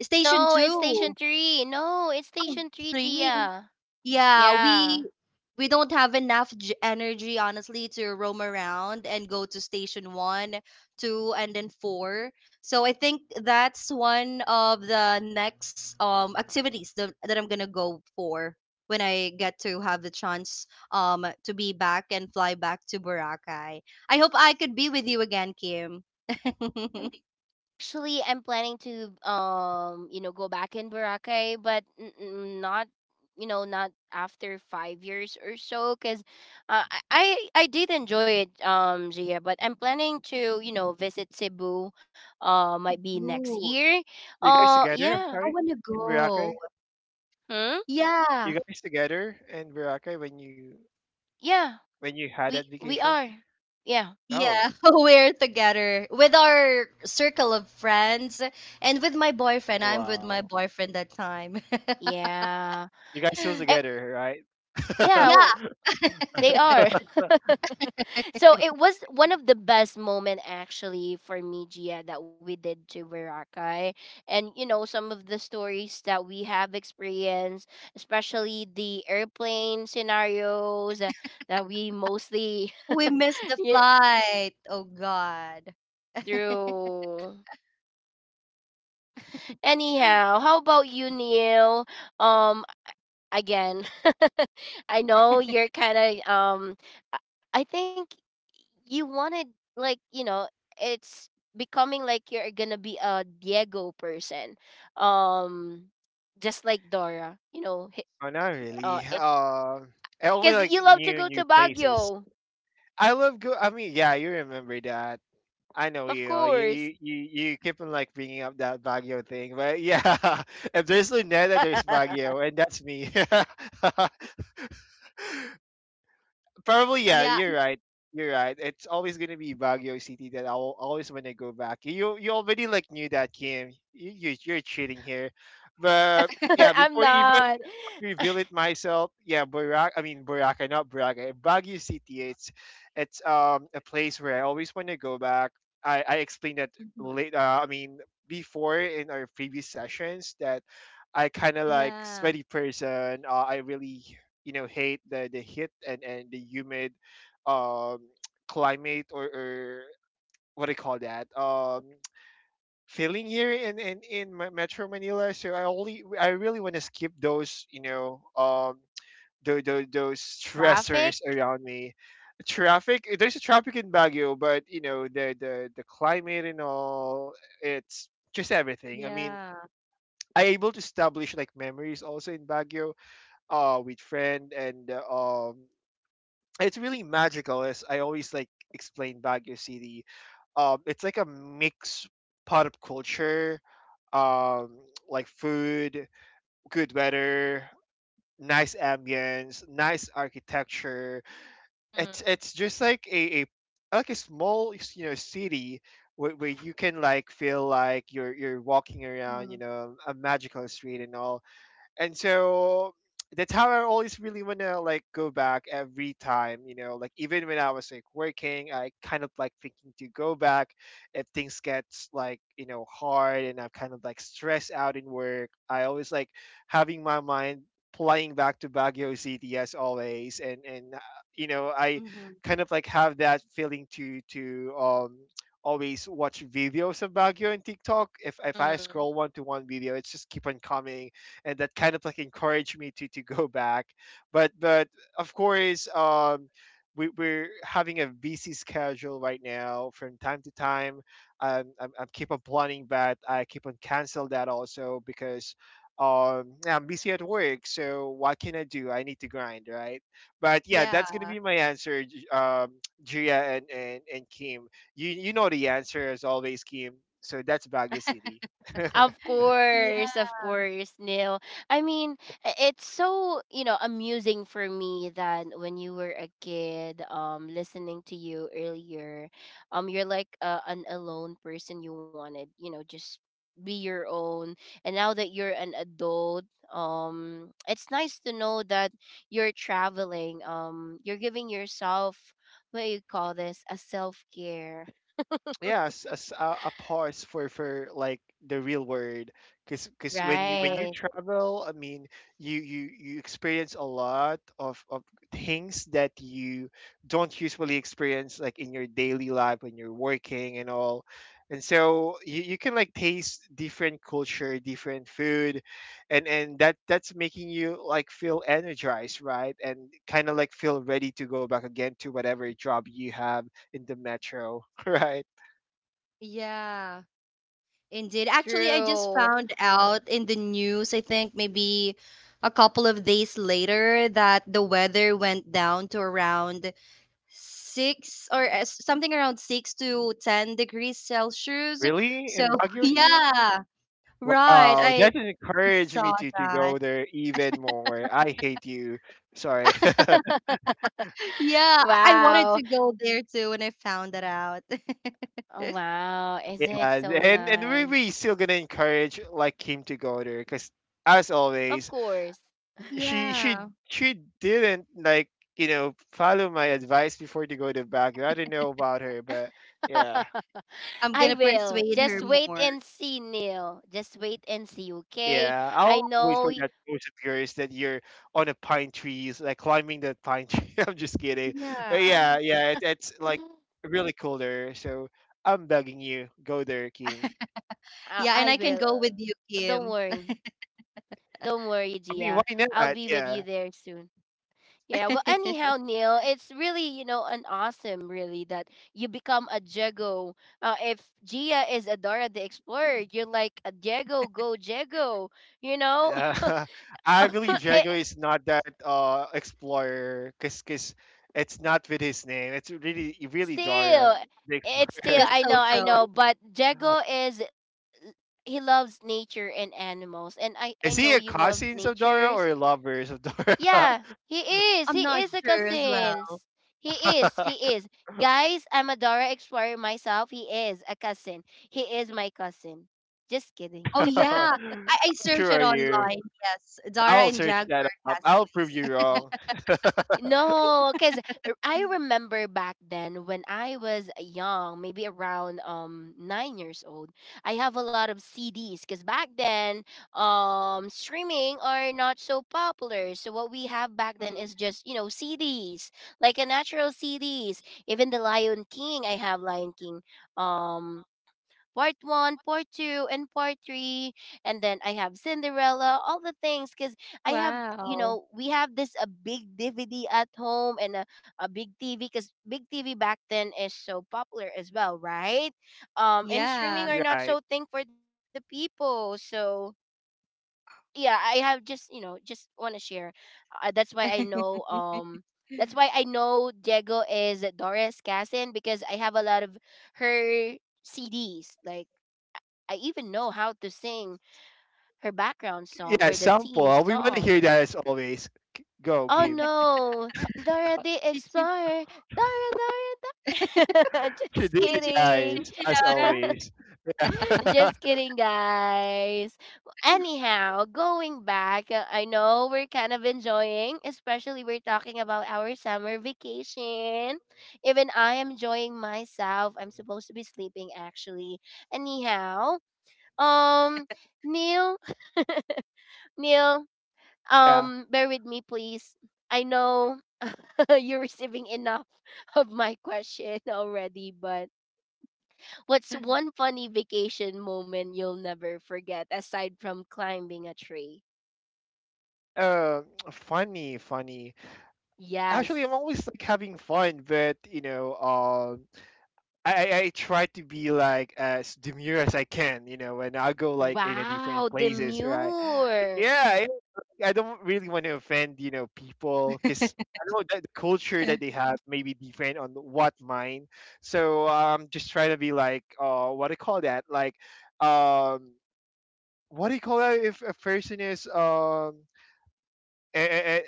S2: Station
S1: No,
S2: two,
S1: it's Station
S2: two.
S1: Three. No, it's
S2: Oh,
S1: Station Three,
S2: three.
S1: Gia.
S2: Yeah,
S1: Yeah.
S2: we don't have enough energy honestly to roam around and go to station 1, 2 and then 4. So I think that's one of the next activities that I'm going to go for when I get to have the chance to be back and fly back to Boracay. I hope I could be with you again, Kim.
S1: Actually, I'm planning to, go back in Boracay, but n- n- not, you know, not after 5 years or so, because, I did enjoy it, Gia. But I'm planning to, visit Cebu. Might be next
S2: Cebu.
S1: year.
S3: you guys together? I'm
S1: Yeah.
S2: I
S3: sorry,
S2: want to
S3: in
S2: go.
S3: Boracay,
S1: Hmm?
S3: you
S2: Yeah.
S3: guys together in Boracay
S1: Yeah,
S3: when you had that
S1: we
S3: vacation?
S1: are. Yeah,
S2: Yeah,
S3: Oh,
S2: we're together with our circle of friends and with my boyfriend. I'm with
S3: wow,
S2: my boyfriend that time.
S1: yeah,
S3: you guys still
S1: Eh,
S3: together,
S1: yeah.
S3: right?
S2: Yeah,
S1: They are. So it was one of the best moment actually for me, Gia, that we did to Boracay, and, some of the stories that we have experienced, especially the airplane scenarios, that we mostly.
S2: we missed the
S1: Yeah,
S2: flight. Oh God.
S1: through. Anyhow, how about you, Neil? Um, again. I know you're kind of, I I think you wanted, like, it's becoming like you're going to be a Diego person. Um just like Dora, you know,
S3: Oh, not really.
S1: it's
S3: I only
S1: cuz
S3: like
S1: you love to
S3: new
S1: go to
S3: new places.
S1: Baguio.
S3: I love go. I mean, yeah, you remember that. I know
S1: Of
S3: you. Oh, you
S1: course.
S3: you keep on like bringing up that Baguio thing, but yeah, if there's Luneta, there's Baguio, and that's me. Probably, yeah.
S2: Yeah.
S3: You're right. You're right. It's always gonna be Baguio City that I'll always wanna go back. You already like knew that, Kim. You, you're cheating here, but yeah.
S1: I'm
S3: Before
S1: not.
S3: even reveal it myself, yeah. Burak, I mean Boracay, not Boracay. Baguio City. It's a place where I always wanna go back. I explained that
S2: Mhm.
S3: late. I mean before in our previous sessions that I kind of
S2: Yeah.
S3: like sweaty person. I really, you know, hate the heat and the humid um climate, or what do you call that feeling here in in Ma- Metro Manila. So I only I really want to skip those, you know, those those
S1: Traffic?
S3: stressors around me. Traffic. There's a traffic in Baguio, but you know the climate and all. It's just everything. I
S2: Yeah.
S3: mean, I able to establish like memories also in Baguio with friend and it's really magical, as I always like explain baguio city. It's like a mix pot of culture, um like food, good weather, nice ambience, nice architecture. It's just like a like a small, you know, city where you can like feel like you're walking
S2: Mhm.
S3: around, you know, a magical street and all. And so that's how I always really want to like go back every time, you know, like even when I was like working, I kind of like thinking to go back if things gets like, you know, hard and I'm kind of like stressed out in work. I always like having my mind flying back to Baguio City as always, and you know, I
S2: Mhm.
S3: kind of like have that feeling to always watch videos of Baguio and TikTok. If I
S1: Mhm.
S3: scroll one to one video, it's just keep on coming, and that kind of like encouraged me to go back. But of course, we, we're having a busy schedule right now. From time to time, I'm keep on planning, but I keep on cancel that also because yeah, I'm busy at work. So what can I do? I need to grind, right? But yeah,
S2: Yeah.
S3: that's gonna be my answer, Gia and, and Kim. You know the answer as always, Kim. So that's Baguio City.
S2: Yeah.
S1: Of course, Neil. I mean, it's so, you know, amusing for me that when you were a kid, listening to you earlier, you're like, an alone person. You wanted, you know, just be your own. And now that you're an adult, it's nice to know that you're traveling, you're giving yourself, what do you call this, a self care,
S3: Yeah, as a pause for like the real world, because when
S2: Yeah.
S3: you
S1: right?
S3: travel, I mean, you you experience a lot of things that you don't usually experience like in your daily life when you're working and all. And so you can like taste different culture, different food, and that that's making you like feel energized, right? And kind of like feel ready to go back again to whatever job you have in the metro right?
S2: Yeah. Indeed. Actually, I just
S1: True.
S2: found out in the news, I think maybe a couple of days later, that the weather went down to around 6 or something around 6 to 10°C.
S3: Really?
S2: So,
S3: In Baguio City?
S2: yeah, right.
S3: Wow,
S2: I
S3: that encouraged
S2: saw
S3: me to
S2: that.
S3: go there even more. I hate you. Sorry.
S2: Yeah, I wanted
S1: Wow.
S2: to go there too when I found that out.
S1: Oh, wow. Is it
S3: Yeah,
S1: so
S3: and we
S1: nice?
S3: still gonna encourage like Kim to go there because as
S1: Of
S3: always,
S1: course.
S3: she
S2: Yeah.
S3: she she didn't like, you know, follow my advice before to go to Baguio. I don't know about her, but yeah.
S2: I'm going
S1: I
S2: to
S1: will.
S2: persuade her
S1: Just wait
S2: more.
S1: and see, Neil. Just wait and see, okay?
S3: Yeah,
S1: I
S3: I'll always
S1: know.
S3: find that post of yours that you're on a pine trees, like climbing that pine tree. I'm just kidding.
S2: Yeah.
S3: Yeah, yeah, it, it's like really cool there. So I'm begging you, go there, Kim.
S1: I
S2: Yeah, and
S1: I
S2: I can
S1: will.
S2: go with
S1: Don't
S2: you,
S1: worry.
S2: Kim.
S1: Don't worry, Gia.
S3: I mean, why
S1: I'll be with
S3: not?
S1: you there
S3: Yeah.
S1: soon. Yeah, well, anyhow, Neil, it's really, you know, an awesome, really, that you become a Jago. If Gia is a Dora the Explorer, you're like a Jago, go Jago, you know?
S3: Uh, I believe
S1: it,
S3: Jago is not that explorer, cause, 'cause it's not with his name. It's really really Dora
S1: still,
S3: the
S1: it's
S3: explorer.
S1: still,
S2: Just so
S1: I
S2: so.
S1: know, but Jago is, he loves nature and animals. And, I know
S3: Is
S1: you
S3: he a
S1: love
S3: cousins of
S1: nature.
S3: Dora or lovers of
S1: Yeah,
S3: Dora?
S1: he is. He
S2: I'm not
S1: is a
S2: sure as well.
S1: cousins. He is. He is. Guys, I'm a Dora Explorer myself. He is a cousin. He is my cousin. Just kidding.
S2: Oh,
S3: How
S2: yeah. I searched
S3: sure
S2: it
S3: are you?
S2: online. Yes. Dara
S3: I'll
S2: and
S3: search that
S2: Jaguar
S3: up. I'll prove
S2: cousins.
S3: you wrong.
S1: No, because I remember back then when I was young, maybe around, 9 years old. I have a lot of CDs because back then, streaming are not so popular. So what we have back
S2: Mhm.
S1: then is just, you know, CDs, like a natural CDs. Even the Lion King, I have Lion King, um part one, part two, and part three. And then I have Cinderella, all the things. Because I have, you
S2: Wow.
S1: know, we have this a big DVD at home and a big TV. Because big TV back then is so popular as well, right? And streaming
S2: Yeah.
S1: are not
S3: Right.
S1: so thing for the people. So yeah, I have just, you know, just want to share. That's why I know, that's why I know Diego is Doris Cassin, because I have a lot of her CDs, like, I even know how to sing her background song
S3: Yeah,
S1: or the theme
S3: sample. We want to
S1: song.
S3: hear that as always. K- Go,
S1: Oh
S3: Kim.
S1: no, Dora the
S2: Chi- chi-
S1: Explorer, Dora, Dora, Dora.
S3: She
S1: Just
S3: did
S2: chi-
S3: it,
S2: chi- chi-
S1: kidding,
S2: chi-
S3: guys, as
S2: Chinara.
S3: always. Yeah.
S1: just kidding, guys. Anyhow, going back, I know we're kind of enjoying, especially we're talking about our summer vacation. Even I am enjoying myself. I'm supposed to be sleeping actually. Anyhow, um, Neil, Neil,
S3: Yeah.
S1: Bear with me, please. I know you're receiving enough of my question already, but what's one funny vacation moment you'll never forget aside from climbing a tree?
S3: Uh, funny, funny. Actually, I'm
S1: Yes.
S3: always like having fun, but you know, I try to be like as demure as I can, you know, and I go like in a
S1: Wow,
S3: different places, right?
S1: demure.
S3: Yeah, I don't really want to offend, you know, people because I know that the culture that they have may be different on what mine. So just try to be like, what do you call that? Like, um, what do you call that if a person is eh, eh, eh,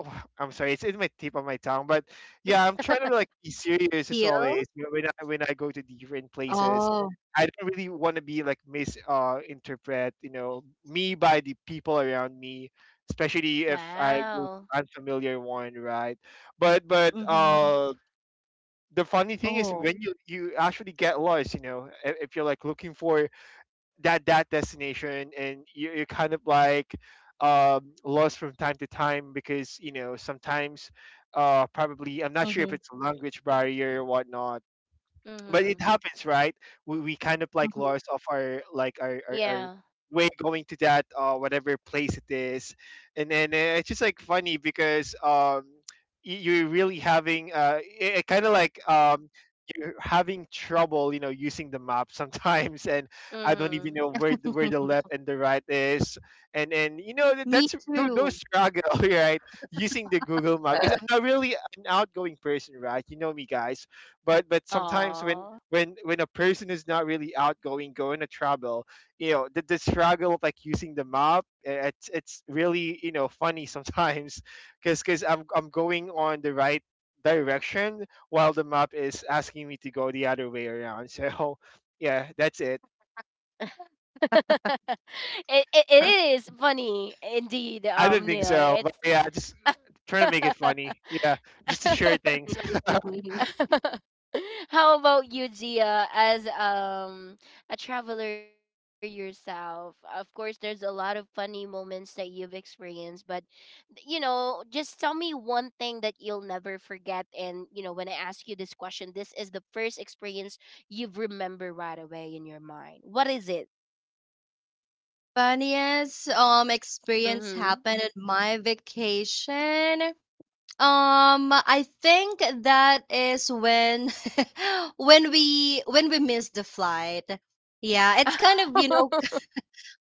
S3: I'm sorry, it's in my tip of my tongue, but yeah, I'm trying to like be
S2: Teal.
S3: serious as always. You know, when I go to
S2: Oh.
S3: different places, I don't really want to be like misinterpret, interpret, you know, me by the people around me, especially if
S2: Mm-hmm.
S3: I go
S1: Wow.
S3: to unfamiliar one, right?
S2: Oh.
S3: But the funny thing is when you actually get lost, you know, if you're like looking for that destination and you're kind of like lost from time to time, because you know sometimes
S2: Mm-hmm.
S3: probably I'm not sure if it's a language barrier or whatnot, but it
S1: Mhm.
S3: happens, right?
S2: Mm-hmm.
S3: We kind of like lost of our like our
S1: Yeah.
S3: way going to that whatever place it is. And then it's just like funny because you're really having kind of like you're having trouble, you know, using the map sometimes. And I don't even
S1: Mhm.
S3: know where where the left and the right is. And you
S2: Me
S3: know
S2: too.
S3: those struggle right? Using the Google map, because I'm not really an outgoing person, right? You know me, guys. But sometimes when
S1: Aww.
S3: when a person is not really outgoing going to travel, you know, the struggle of like using the map, it's really, you know, funny sometimes. Because I'm going on the right direction while the map is asking me to go the other way around so yeah, that's it.
S1: it Is funny indeed,
S3: I don't
S1: Neil.
S3: think so,
S1: It's
S3: but yeah, just trying to make it funny, yeah, just to share things.
S1: how about you, Gia, as, a traveler yourself? Of course, there's a lot of funny moments that you've experienced, but you know, just tell me one thing that you'll never forget. And you know, when I ask you this question, this is the first experience you've remember right away in your mind. What is it?
S2: Funniest experience
S1: Mm-hmm.
S2: happened at my vacation. I think that is when when we missed the flight. Yeah, it's kind of, you know,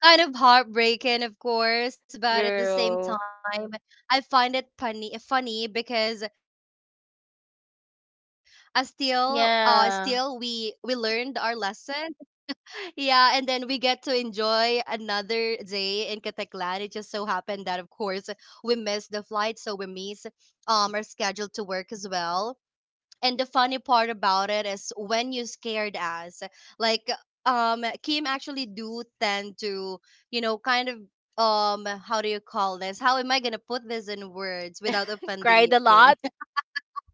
S2: kind of heartbreaking, of course, but at the same
S1: True.
S2: time, I find it funny funny because I still we learned our
S1: Yeah.
S2: lesson. Yeah, and then we get to enjoy another day in Kataklan. It just so happened that of course we missed the flight, so we miss are scheduled to work as well. And the funny part about it is when you scared us, like Kim actually do tend to, kind of how do you call this? How am I gonna put this in words without offending
S1: Cried
S2: you,
S1: a
S2: Kim?
S1: lot.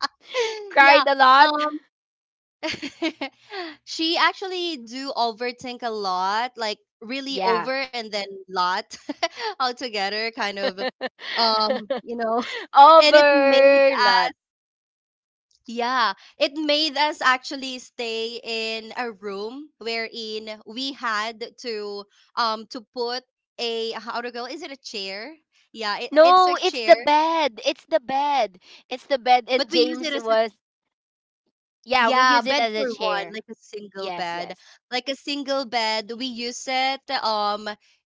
S1: Cried
S2: Yeah.
S1: a lot.
S2: Um she actually do overthink a lot, like really
S1: Yeah.
S2: over and then lot altogether kind of um, you know, and it made
S1: Overlord.
S2: Yeah, it made us actually stay in a room wherein we had to put a how to go is it a chair? Yeah, it's a
S1: No, it's
S2: chair,
S1: the bed. It's the bed. It's the bed.
S2: but
S1: And
S2: we use it
S1: James
S2: as
S1: was, yeah, we
S2: Yeah,
S1: use it
S2: bed
S1: as a
S2: for one,
S1: chair.
S2: like a single
S1: Yes,
S2: bed.
S1: yes.
S2: Like a single bed, we use it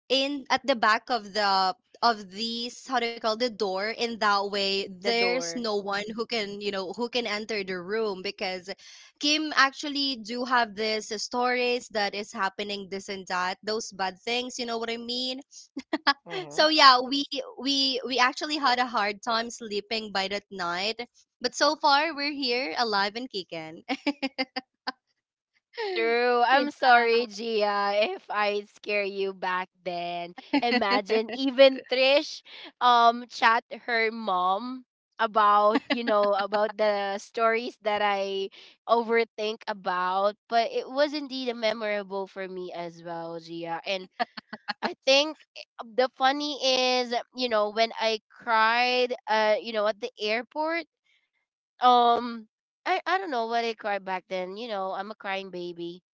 S2: in at the back of these how do you call the door in that way
S1: The
S2: there's
S1: door.
S2: no one who can who can enter the room because Kim actually do have this stories that is happening this and that those bad things you know what I mean.
S3: Hmm.
S2: So yeah, we actually had a hard time sleeping by that night but so far we're here alive and kicking.
S1: True.
S2: Yeah.
S1: I'm sorry, Gia, if I scare you back then. Imagine
S2: What
S1: even Trish, chat her mom about, you know, about the stories that I overthink about. But it was indeed a memorable for me as well, Gia. And I think, the funny is, when I cried, at the airport. um I don't know what I cried back then. You know, I'm a crying baby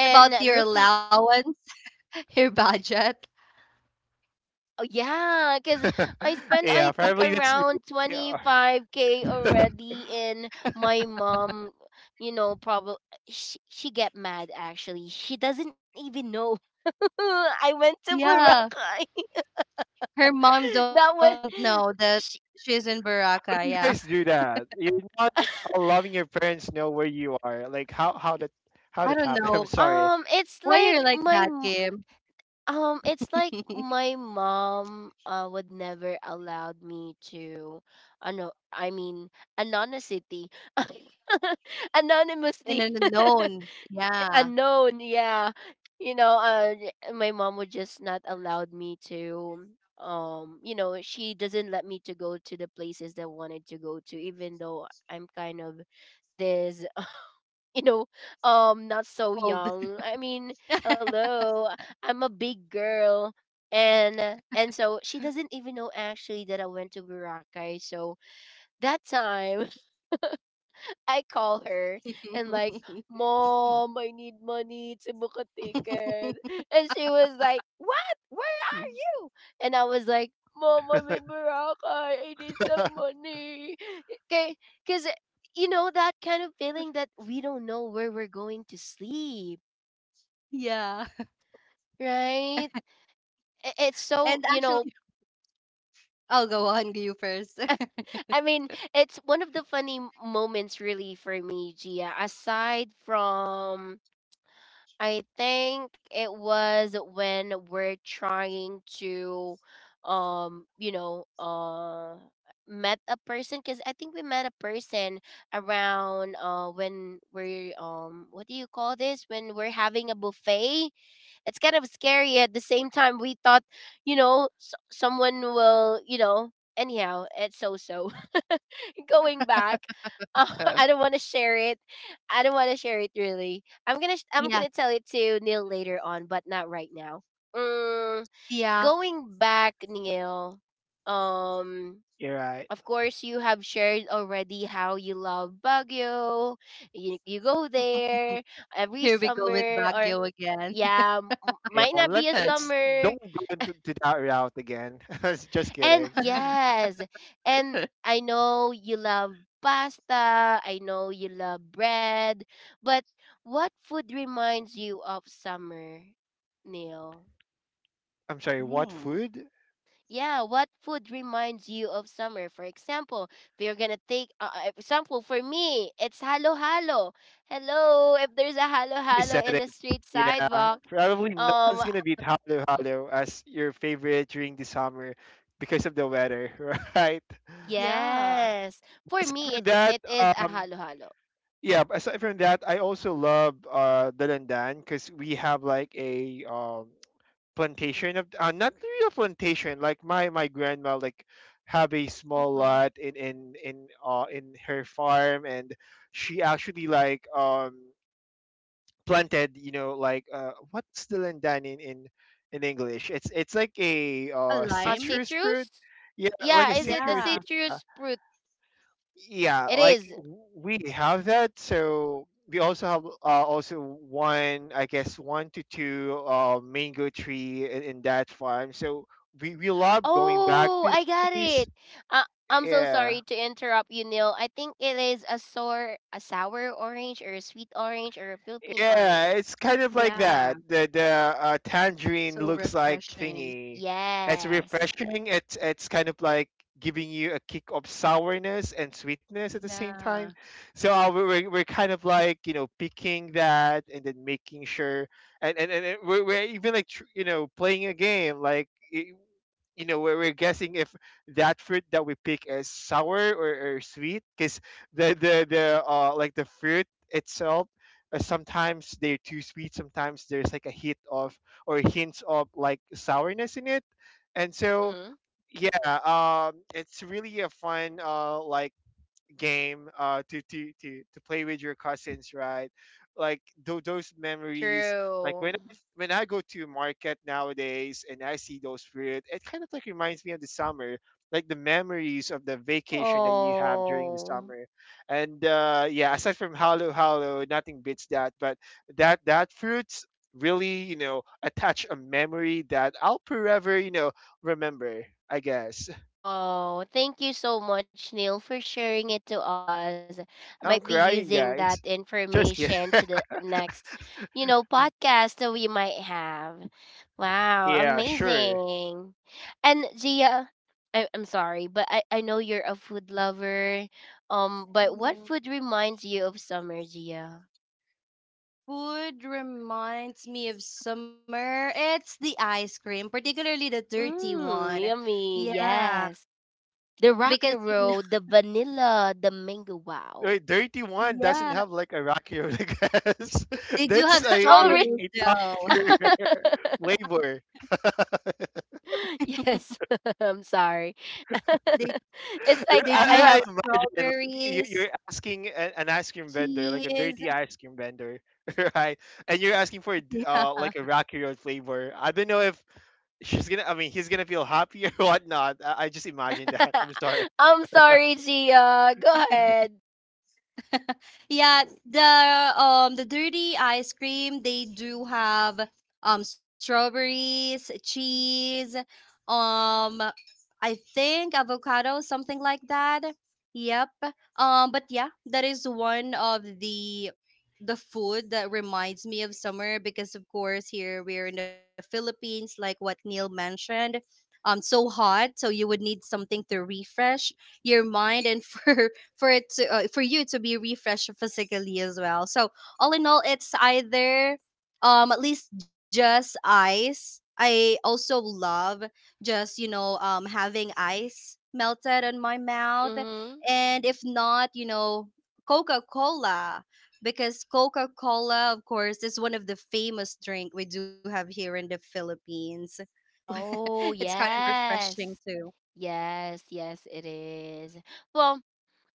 S1: and
S2: about your
S1: looking.
S2: allowance, your budget?
S1: Oh yeah,
S3: Yeah,
S1: because
S3: probably
S1: I
S3: that's
S1: spent,
S3: really,
S1: I think,
S3: yeah.
S1: around 25K already in my mom, you know, probably. She get mad actually. She doesn't even know I went to Boracay.
S2: Yeah. Her mom
S1: That
S2: don't
S1: was,
S2: know that
S1: she,
S3: But
S2: she's in
S3: you guys do
S2: Baraka. Yeah.
S3: that. You're not loving your parents know where you are. Like how that how that happened.
S2: I
S3: I'm
S2: don't
S3: sorry.
S2: know
S1: um it's
S2: why you're
S1: like
S2: like that,
S1: my
S2: Kim.
S1: It's like my mom, would never allowed me to, no, I mean anonymity,
S2: In
S1: anonymously,
S2: an unknown. Yeah.
S1: unknown. Yeah, you know, my mom would just not allowed me to. You know, she doesn't let me to go to the places that I wanted to go to, even though I'm kind of this. You know, not so
S2: Cold.
S1: young. I mean, hello, I'm a big girl, and, and so she doesn't even know actually that I went to Boracay. So that time, I call her and like, Mom, I need money to book a ticket, and she was like, What? Where? And I was like, "Mom, I'm in Boracay. I need some money." Okay, because you know that kind of feeling that we don't know where we're going to sleep,
S2: Yeah.
S1: right? I- It's so
S2: And
S1: you know.
S2: actually, I'll go on you first.
S1: I mean, it's one of the funny moments really for me, Gia. Aside from I think it was when we're trying to um you know uh met a person, because I think we met a person around when we're what do you call this, when we're having a buffet. It's kind of scary at the same time. We thought, someone will, anyhow, it's so so. Going back, uh,
S2: Uh,
S1: I don't want to share it. I don't want to share it really. I'm
S2: Yeah.
S1: gonna tell it to Neil later on, but not right now. Mm,
S2: Yeah.
S1: going back, Neil. Um,
S3: You're right.
S1: of course, you have shared already how you love Baguio. You go there every
S2: Here we go with
S1: summer, or
S2: Baguio again.
S1: yeah,
S3: You
S1: might
S3: know,
S1: not be
S2: uh,
S1: a
S3: let's
S1: summer.
S3: don't go into to that route again. Just
S1: And
S3: kidding.
S1: yes, and
S2: uh.
S1: I know you love pasta. I know you love bread. But what food reminds you of summer, Neil?
S3: I'm sorry, what
S2: Mm.
S3: food?
S1: Yeah, what food reminds you of summer? For example, if you're gonna take example for me, it's halo halo. Hello, if there's a halo
S3: You
S1: halo
S3: said
S1: in
S3: it.
S1: the street
S3: Yeah,
S1: sidewalk,
S3: probably no
S1: um,
S3: one's gonna beat Halo Halo as your favorite during the summer because of the weather, right?
S2: Yeah.
S1: yes, for
S3: Aside
S1: me
S3: from
S1: it
S3: that,
S1: it is a halo halo.
S3: yeah, but aside from that, I also love the Landan, because we have like a plantation of not really a plantation. Like my grandma like have a small
S2: Hmm.
S3: lot in in her farm, and she actually like planted, you know, like what's the Landan in English? It's like a
S2: A
S1: A
S2: lime?
S3: citrus fruit.
S1: citrus?
S3: Yeah, like
S1: Yeah,
S3: a
S1: is it a
S3: citrus.
S2: Yeah.
S3: Yeah,
S1: citrus fruit?
S3: yeah,
S1: It
S3: like
S1: is.
S3: we have that, so we also have also one, I guess one to two mango tree in that farm. So we love going back
S1: Oh,
S3: to
S1: I
S3: that
S1: got
S3: place,
S1: it. Uh, I'm so
S3: yeah.
S1: sorry to interrupt you, Neil. I think it is a sour orange, or a sweet orange, or a Philippine
S3: Yeah,
S1: orange.
S3: it's kind of like
S2: Yeah,
S3: that. The
S2: so
S3: tangerine looks like
S2: refreshing.
S3: thingy. It's
S1: Yes.
S3: refreshing. It's kind of like giving you a kick of sourness and sweetness at the same
S2: Yeah.
S3: time. So we're kind of like, you know, picking that and then making sure and we're even like you know, playing a game like, you know, we're guessing if that fruit that we pick is sour or sweet, because the like the fruit itself, sometimes they're too sweet, sometimes there's like a hit of or hints of like sourness in it, and so
S1: Mm-hmm.
S3: yeah, it's really a fun like game to play with your cousins, right? Like those memories, like
S1: True.
S3: when I go to market nowadays and I see those fruit, it kind of like reminds me of the summer. Like the memories of the vacation that you have during the
S1: Oh.
S3: summer. And yeah, aside from Halo Halo, nothing beats that, but that fruits really, you know, attach a memory that I'll forever, you know, remember, I guess.
S1: Oh, thank you so much, Neil, for sharing it to us. I might
S3: I'm
S1: be
S3: crying,
S1: using that
S3: guys. Just kidding.
S1: information to the next, you know, podcast that we might have. Wow,
S3: Yeah, sure.
S1: amazing. And Gia, I'm sorry, but I know you're a food lover. But what
S2: Mhm.
S1: food reminds you of summer, Gia?
S2: Food reminds me of summer. It's the ice cream, particularly the dirty one.
S1: Mmm, yummy.
S2: Yeah,
S1: Yes. The rock
S2: because
S1: and
S2: you know,
S1: roll, the vanilla, the mango, wow.
S3: Wait, Dirty One doesn't
S2: yeah,
S3: have like a Rocky Road, I guess.
S2: they do have
S3: That's
S1: Oh, really?
S2: strawberries
S3: a top
S2: though.
S3: tier flavor. I,
S1: Yes. I'm sorry.
S2: They
S1: It's like
S2: they
S1: I,
S2: do
S1: I
S2: have
S3: I
S1: have.
S3: imagine like,
S2: strawberries,
S3: you're asking an ice cream vendor, like a
S2: cheese.
S3: dirty ice cream vendor, right? And you're asking for
S2: Yeah.
S3: like a Rocky Road flavor. I don't know if she's gonna, I mean, he's gonna feel happy or whatnot. I just imagine that. I'm sorry.
S1: I'm sorry, Gia. Go ahead.
S2: Yeah, the the dirty ice cream they do have strawberries, cheese, um I think avocado, something like that. Yep. But yeah, that is one of the food that reminds me of summer because of course here we're in the Philippines like what Neil mentioned. So hot, so you would need something to refresh your mind and for it to for you to be refreshed physically as well. So all in all, it's either at least just ice. I also love just having ice melted on my mouth,
S1: Hmm.
S2: and if not, Coca Cola because Coca Cola, of course, is one of the famous drink we do have here in the Philippines.
S1: Oh,
S2: It's kind of refreshing
S1: yes.
S2: too.
S1: Yes, yes, it is. Well,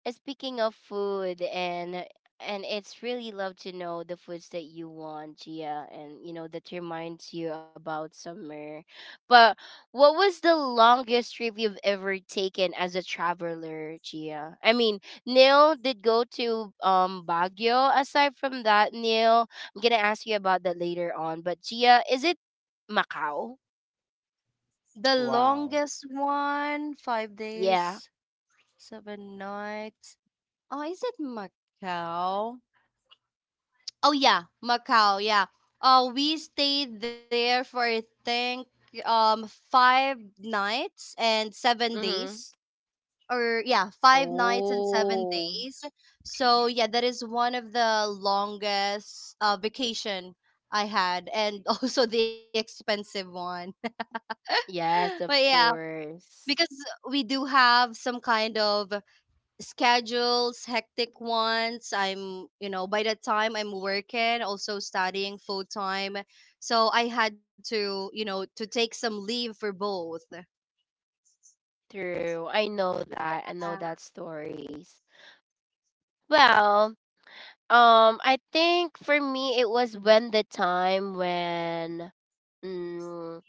S1: Speaking of food, and it's really love to know the foods that you want, Gia, and you know that reminds you about summer. But what was the longest trip you've ever taken as a traveler, Gia? I mean, Neil did go to Baguio. Aside from that, Neil, I'm gonna ask you about that later on. But Gia, is it Macau?
S2: The
S3: Wow.
S2: longest one, five
S1: Yeah.
S2: days. 7 nights. Oh, is it Macau? Oh yeah, Macau. Yeah. We stayed there for I think 5 nights and seven
S1: Mm-hmm.
S2: days. Or yeah, 5 nights and seven
S1: Oh,
S2: days. So yeah, that is one of the longest vacation I had, and also the expensive one. But
S1: yes, of
S2: yeah, because
S1: course.
S2: we do have some kind of schedules, hectic ones. By the time I'm working, also studying full time. So I had to take some leave for both.
S1: True. I know that. I
S2: Yeah.
S1: know that stories. Well, I think for me it was when the time when mm,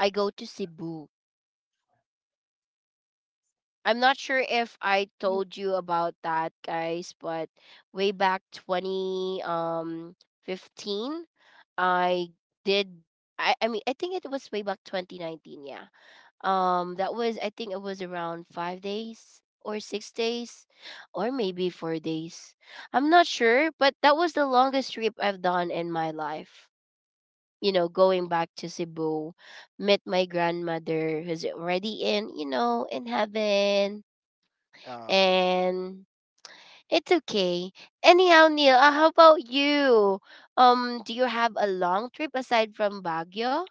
S1: I go to Cebu. I'm not sure if I told you about that, guys, but way back 20 15, I did I mean, I think it was way back 2019, yeah. That was I think it was around 5 days or 6 days, or maybe 4 days. I'm not sure, but that was the longest trip I've done in my life. You know, going back to Cebu, met my grandmother who's already in, you know, in heaven.
S3: Uh,
S1: And it's okay. Anyhow, Neil, how about you? Do you have a long trip aside from Baguio?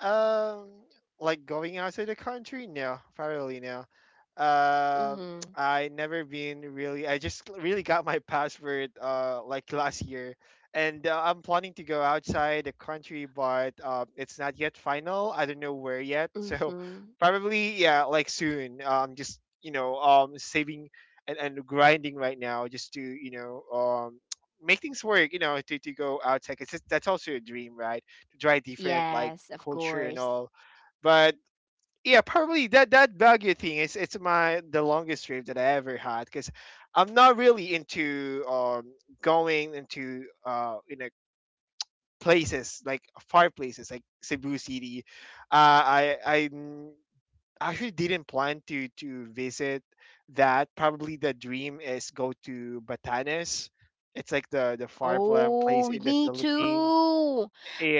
S3: um, like going outside the country? No, probably no. Uh,
S1: Mm-hmm.
S3: I never been really. I just really got my passport like last year, and I'm planning to go outside the country, but it's not yet final. I don't know where yet, so
S1: Mm-hmm.
S3: probably yeah, like soon. Just you know, saving and grinding right now just to, you know, um, make things work. You know, to go outside. It's just, that's also a dream, right? To try different like
S1: Yes, of
S3: culture and
S1: course.
S3: all. But yeah, probably that that Baguio thing is it's my the longest trip that I ever had, because I'm not really into going into uh, you know, places like far places like Cebu City. I mm, actually didn't plan to visit that. Probably the dream is go to Batanes. It's like the far flung place
S1: Oh,
S3: in the
S1: me
S3: Philippines.
S1: too.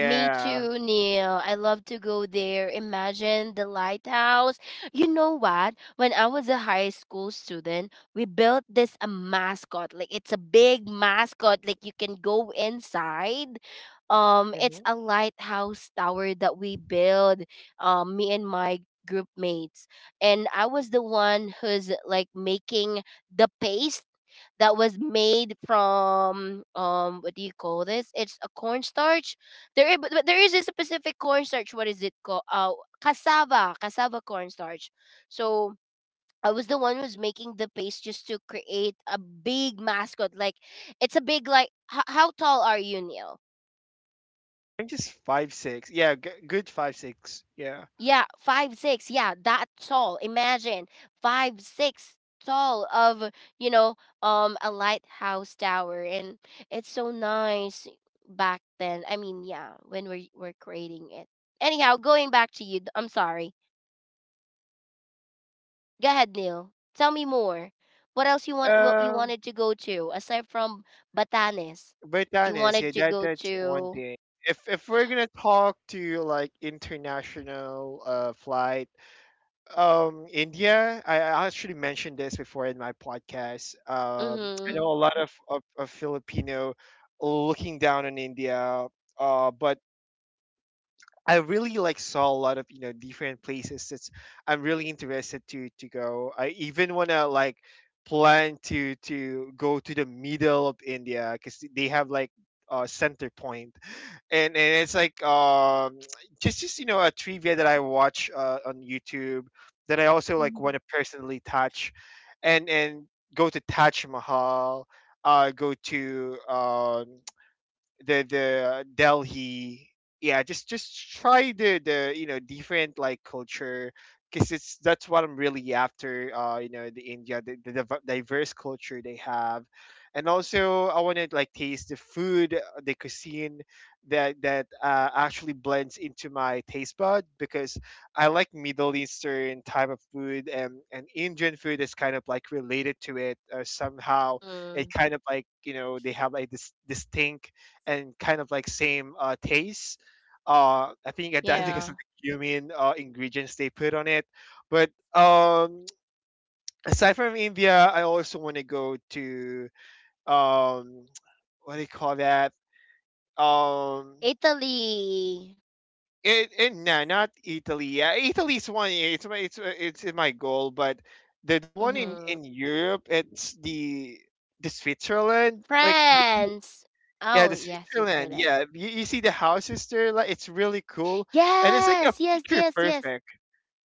S1: Me too, Neil. I love to go there. Imagine the lighthouse. You know what? When I was a high school student, we built this a mascot. Like, it's a big mascot. Like, you can go inside.
S3: Mm-hmm.
S1: It's a lighthouse tower that we built. Me and my group mates. And I was the one who's like making the paste that was made from what do you call this? It's a cornstarch. There is, but there is a specific cornstarch. What is it called? Cassava cornstarch. So I was the one who's making the paste just to create a big mascot. Like, it's a big like. How tall are you, Neil?
S3: I'm just 5'6". Yeah, good 5'6". Yeah.
S1: Yeah, five, six. Yeah, that tall. Imagine five, six tall of, you know, a lighthouse tower. And it's so nice back then. I mean, yeah, when we're creating it. Anyhow, going back to you. I'm sorry. Go ahead, Neil. Tell me more. What else you want? What you
S3: Um,
S1: wanted to go to aside from Batanes?
S3: but
S1: Do
S3: that
S1: you
S3: is yeah.
S1: wanted to go
S3: That's one
S1: to?
S3: thing. If we're gonna talk to like international flight, India. I actually mentioned this before in my podcast. I know
S1: Mhm.
S3: a lot of Filipino looking down on India. But I really like saw a lot of, you know, different places that's I'm really interested to go. I even wanna like plan to go to the middle of India, because they have like center point. And it's like just you know a trivia that I watch on YouTube that I also like want
S2: Mhm.
S3: to personally touch, and go to Taj Mahal, go to the Delhi. Yeah, just try the you know different like culture, because it's that's what I'm really after. You know, the India, the diverse culture they have, and also I want to like taste the food, the cuisine that actually blends into my taste bud, because I like Middle Eastern type of food and Indian food is kind of like related to it somehow. It
S1: Mhm.
S3: kind of like, you know, they have like this distinct and kind of like same taste. I think that's because
S1: Yeah.
S3: of the cumin ingredients they put on it. But aside from India, I also want to go to um, what do you call that? Um,
S1: Italy.
S3: it no, not Italy. Yeah, Italy's one. Yeah, it's my goal, but the one
S2: Mm-hmm.
S1: Mhm.
S3: in Europe, it's the Switzerland. Like
S1: France.
S3: yeah,
S1: Oh
S3: the
S1: yeah,
S3: Switzerland.
S1: Switzerland.
S3: Yeah, you see the houses there, like it's really cool, and it's like a
S1: Yes, yes,
S3: picture
S1: yes, yes,
S3: perfect.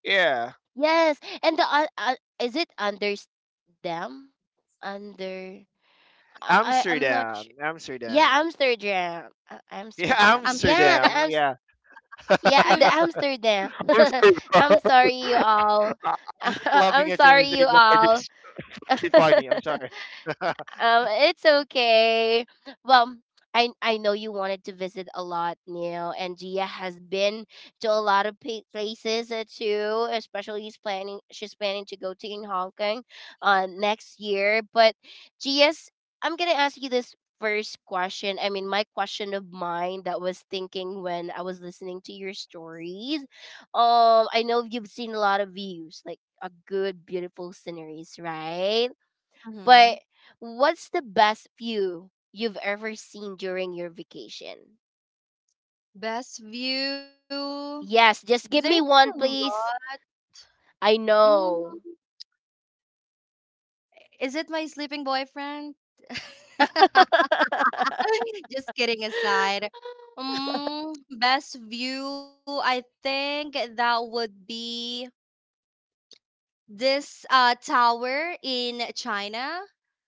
S3: Yeah,
S1: yes. And the is it under under I'm not sure. Yeah,
S3: Amsterdam.
S1: Amsterdam.
S3: Yeah,
S1: Amsterdam.
S2: I'm
S1: Yeah, the
S2: still.
S3: Amsterdam.
S1: Ams.
S3: Yeah. I'm
S1: Yeah, the Amsterdam.
S3: sorry,
S1: I'm
S3: bro.
S1: sorry, you all.
S3: I- I'm not
S1: I'm
S3: laughing at
S1: sorry,
S3: your
S1: you
S3: mistake, but I
S1: all.
S3: just it's funny. I'm sorry.
S1: It's okay. Well, I know you wanted to visit a lot, Neil, and Gia has been to a lot of places too. Especially, he's planning. She's planning to go to in Hong Kong, next year. But Gia's, I'm gonna ask you this first question. I mean, my question of mine that was thinking when I was listening to your stories. I know you've seen a lot of views, like a good, beautiful sceneries, right?
S2: Hmm.
S1: But what's the best view you've ever seen during your vacation?
S2: Best view.
S1: Yes,
S2: There's
S1: just give me
S2: a lot.
S1: one, please. I know.
S2: Mm, is it my sleeping boyfriend? Just kidding aside. Best view. I think that would be this tower in China.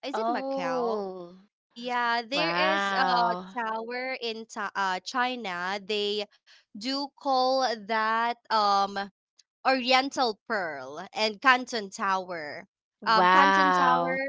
S2: Is it Macau?
S1: Oh,
S2: Yeah, there is a
S1: wow.
S2: tower in China. They do call that Oriental Pearl and Canton Tower. Canton Tower.
S1: Wow.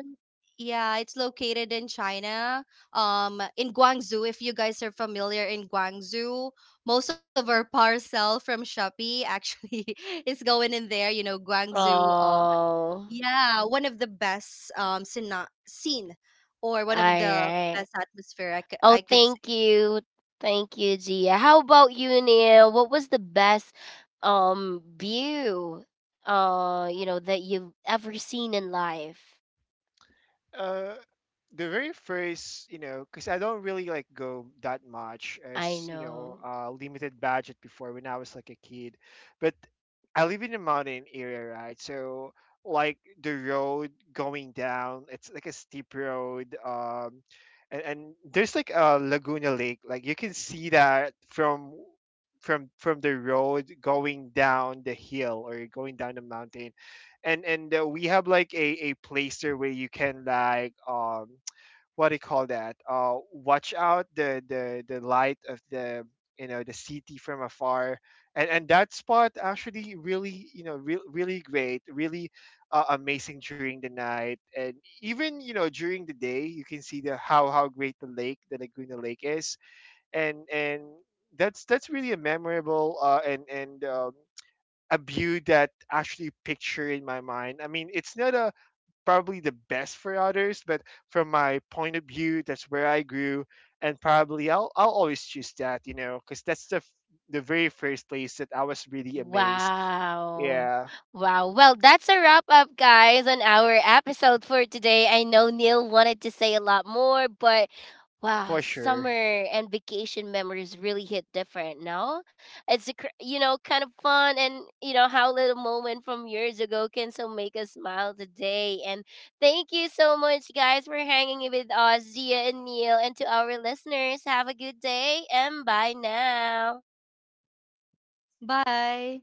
S2: Yeah, it's located in China. In Guangzhou. If you guys are familiar in Guangzhou, most of our parcel from Shopee actually is going in there. Guangzhou.
S1: Oh, all
S2: Yeah, one of the best scene or one of the
S1: right.
S2: best atmosphere I
S1: Oh,
S2: could I
S1: thank
S2: could say.
S1: you. Thank you, Gia. How about you, Neil? What was the best view you know that you've ever seen in life?
S3: Uh, the very first, you know, because I don't really like go that much,
S1: I
S3: as you know,
S1: know.
S3: limited budget before when I was like a kid. But I live in a mountain area, right? So like the road going down, it's like a steep road, and there's like a Laguna Lake, like you can see that from the road going down the hill or going down the mountain. And we have like a place there where you can like what do you call that, uh, watch out the light of the, you know, the city from afar. And that spot actually really, you know, really great, really amazing during the night. And even, you know, during the day, you can see the how great the lake the laguna lake is. And that's really a memorable, and a view that actually picture in my mind. I mean, it's not a probably the best for others, but from my point of view, that's where I grew, and probably I'll always choose that, you know, because that's the very first place that I was really amazed.
S1: Wow.
S3: Yeah,
S1: Wow. Well, that's a wrap up, guys, on our episode for today. I know Neil wanted to say a lot more, but wow,
S3: for
S1: summer
S3: sure.
S1: and vacation memories really hit different, no? It's, a, you know, kind of fun and, you know, how little moment from years ago can so make us smile today. And thank you so much, guys, for hanging with us, Zia and Neil. And to our listeners, have a good day and bye now.
S2: Bye.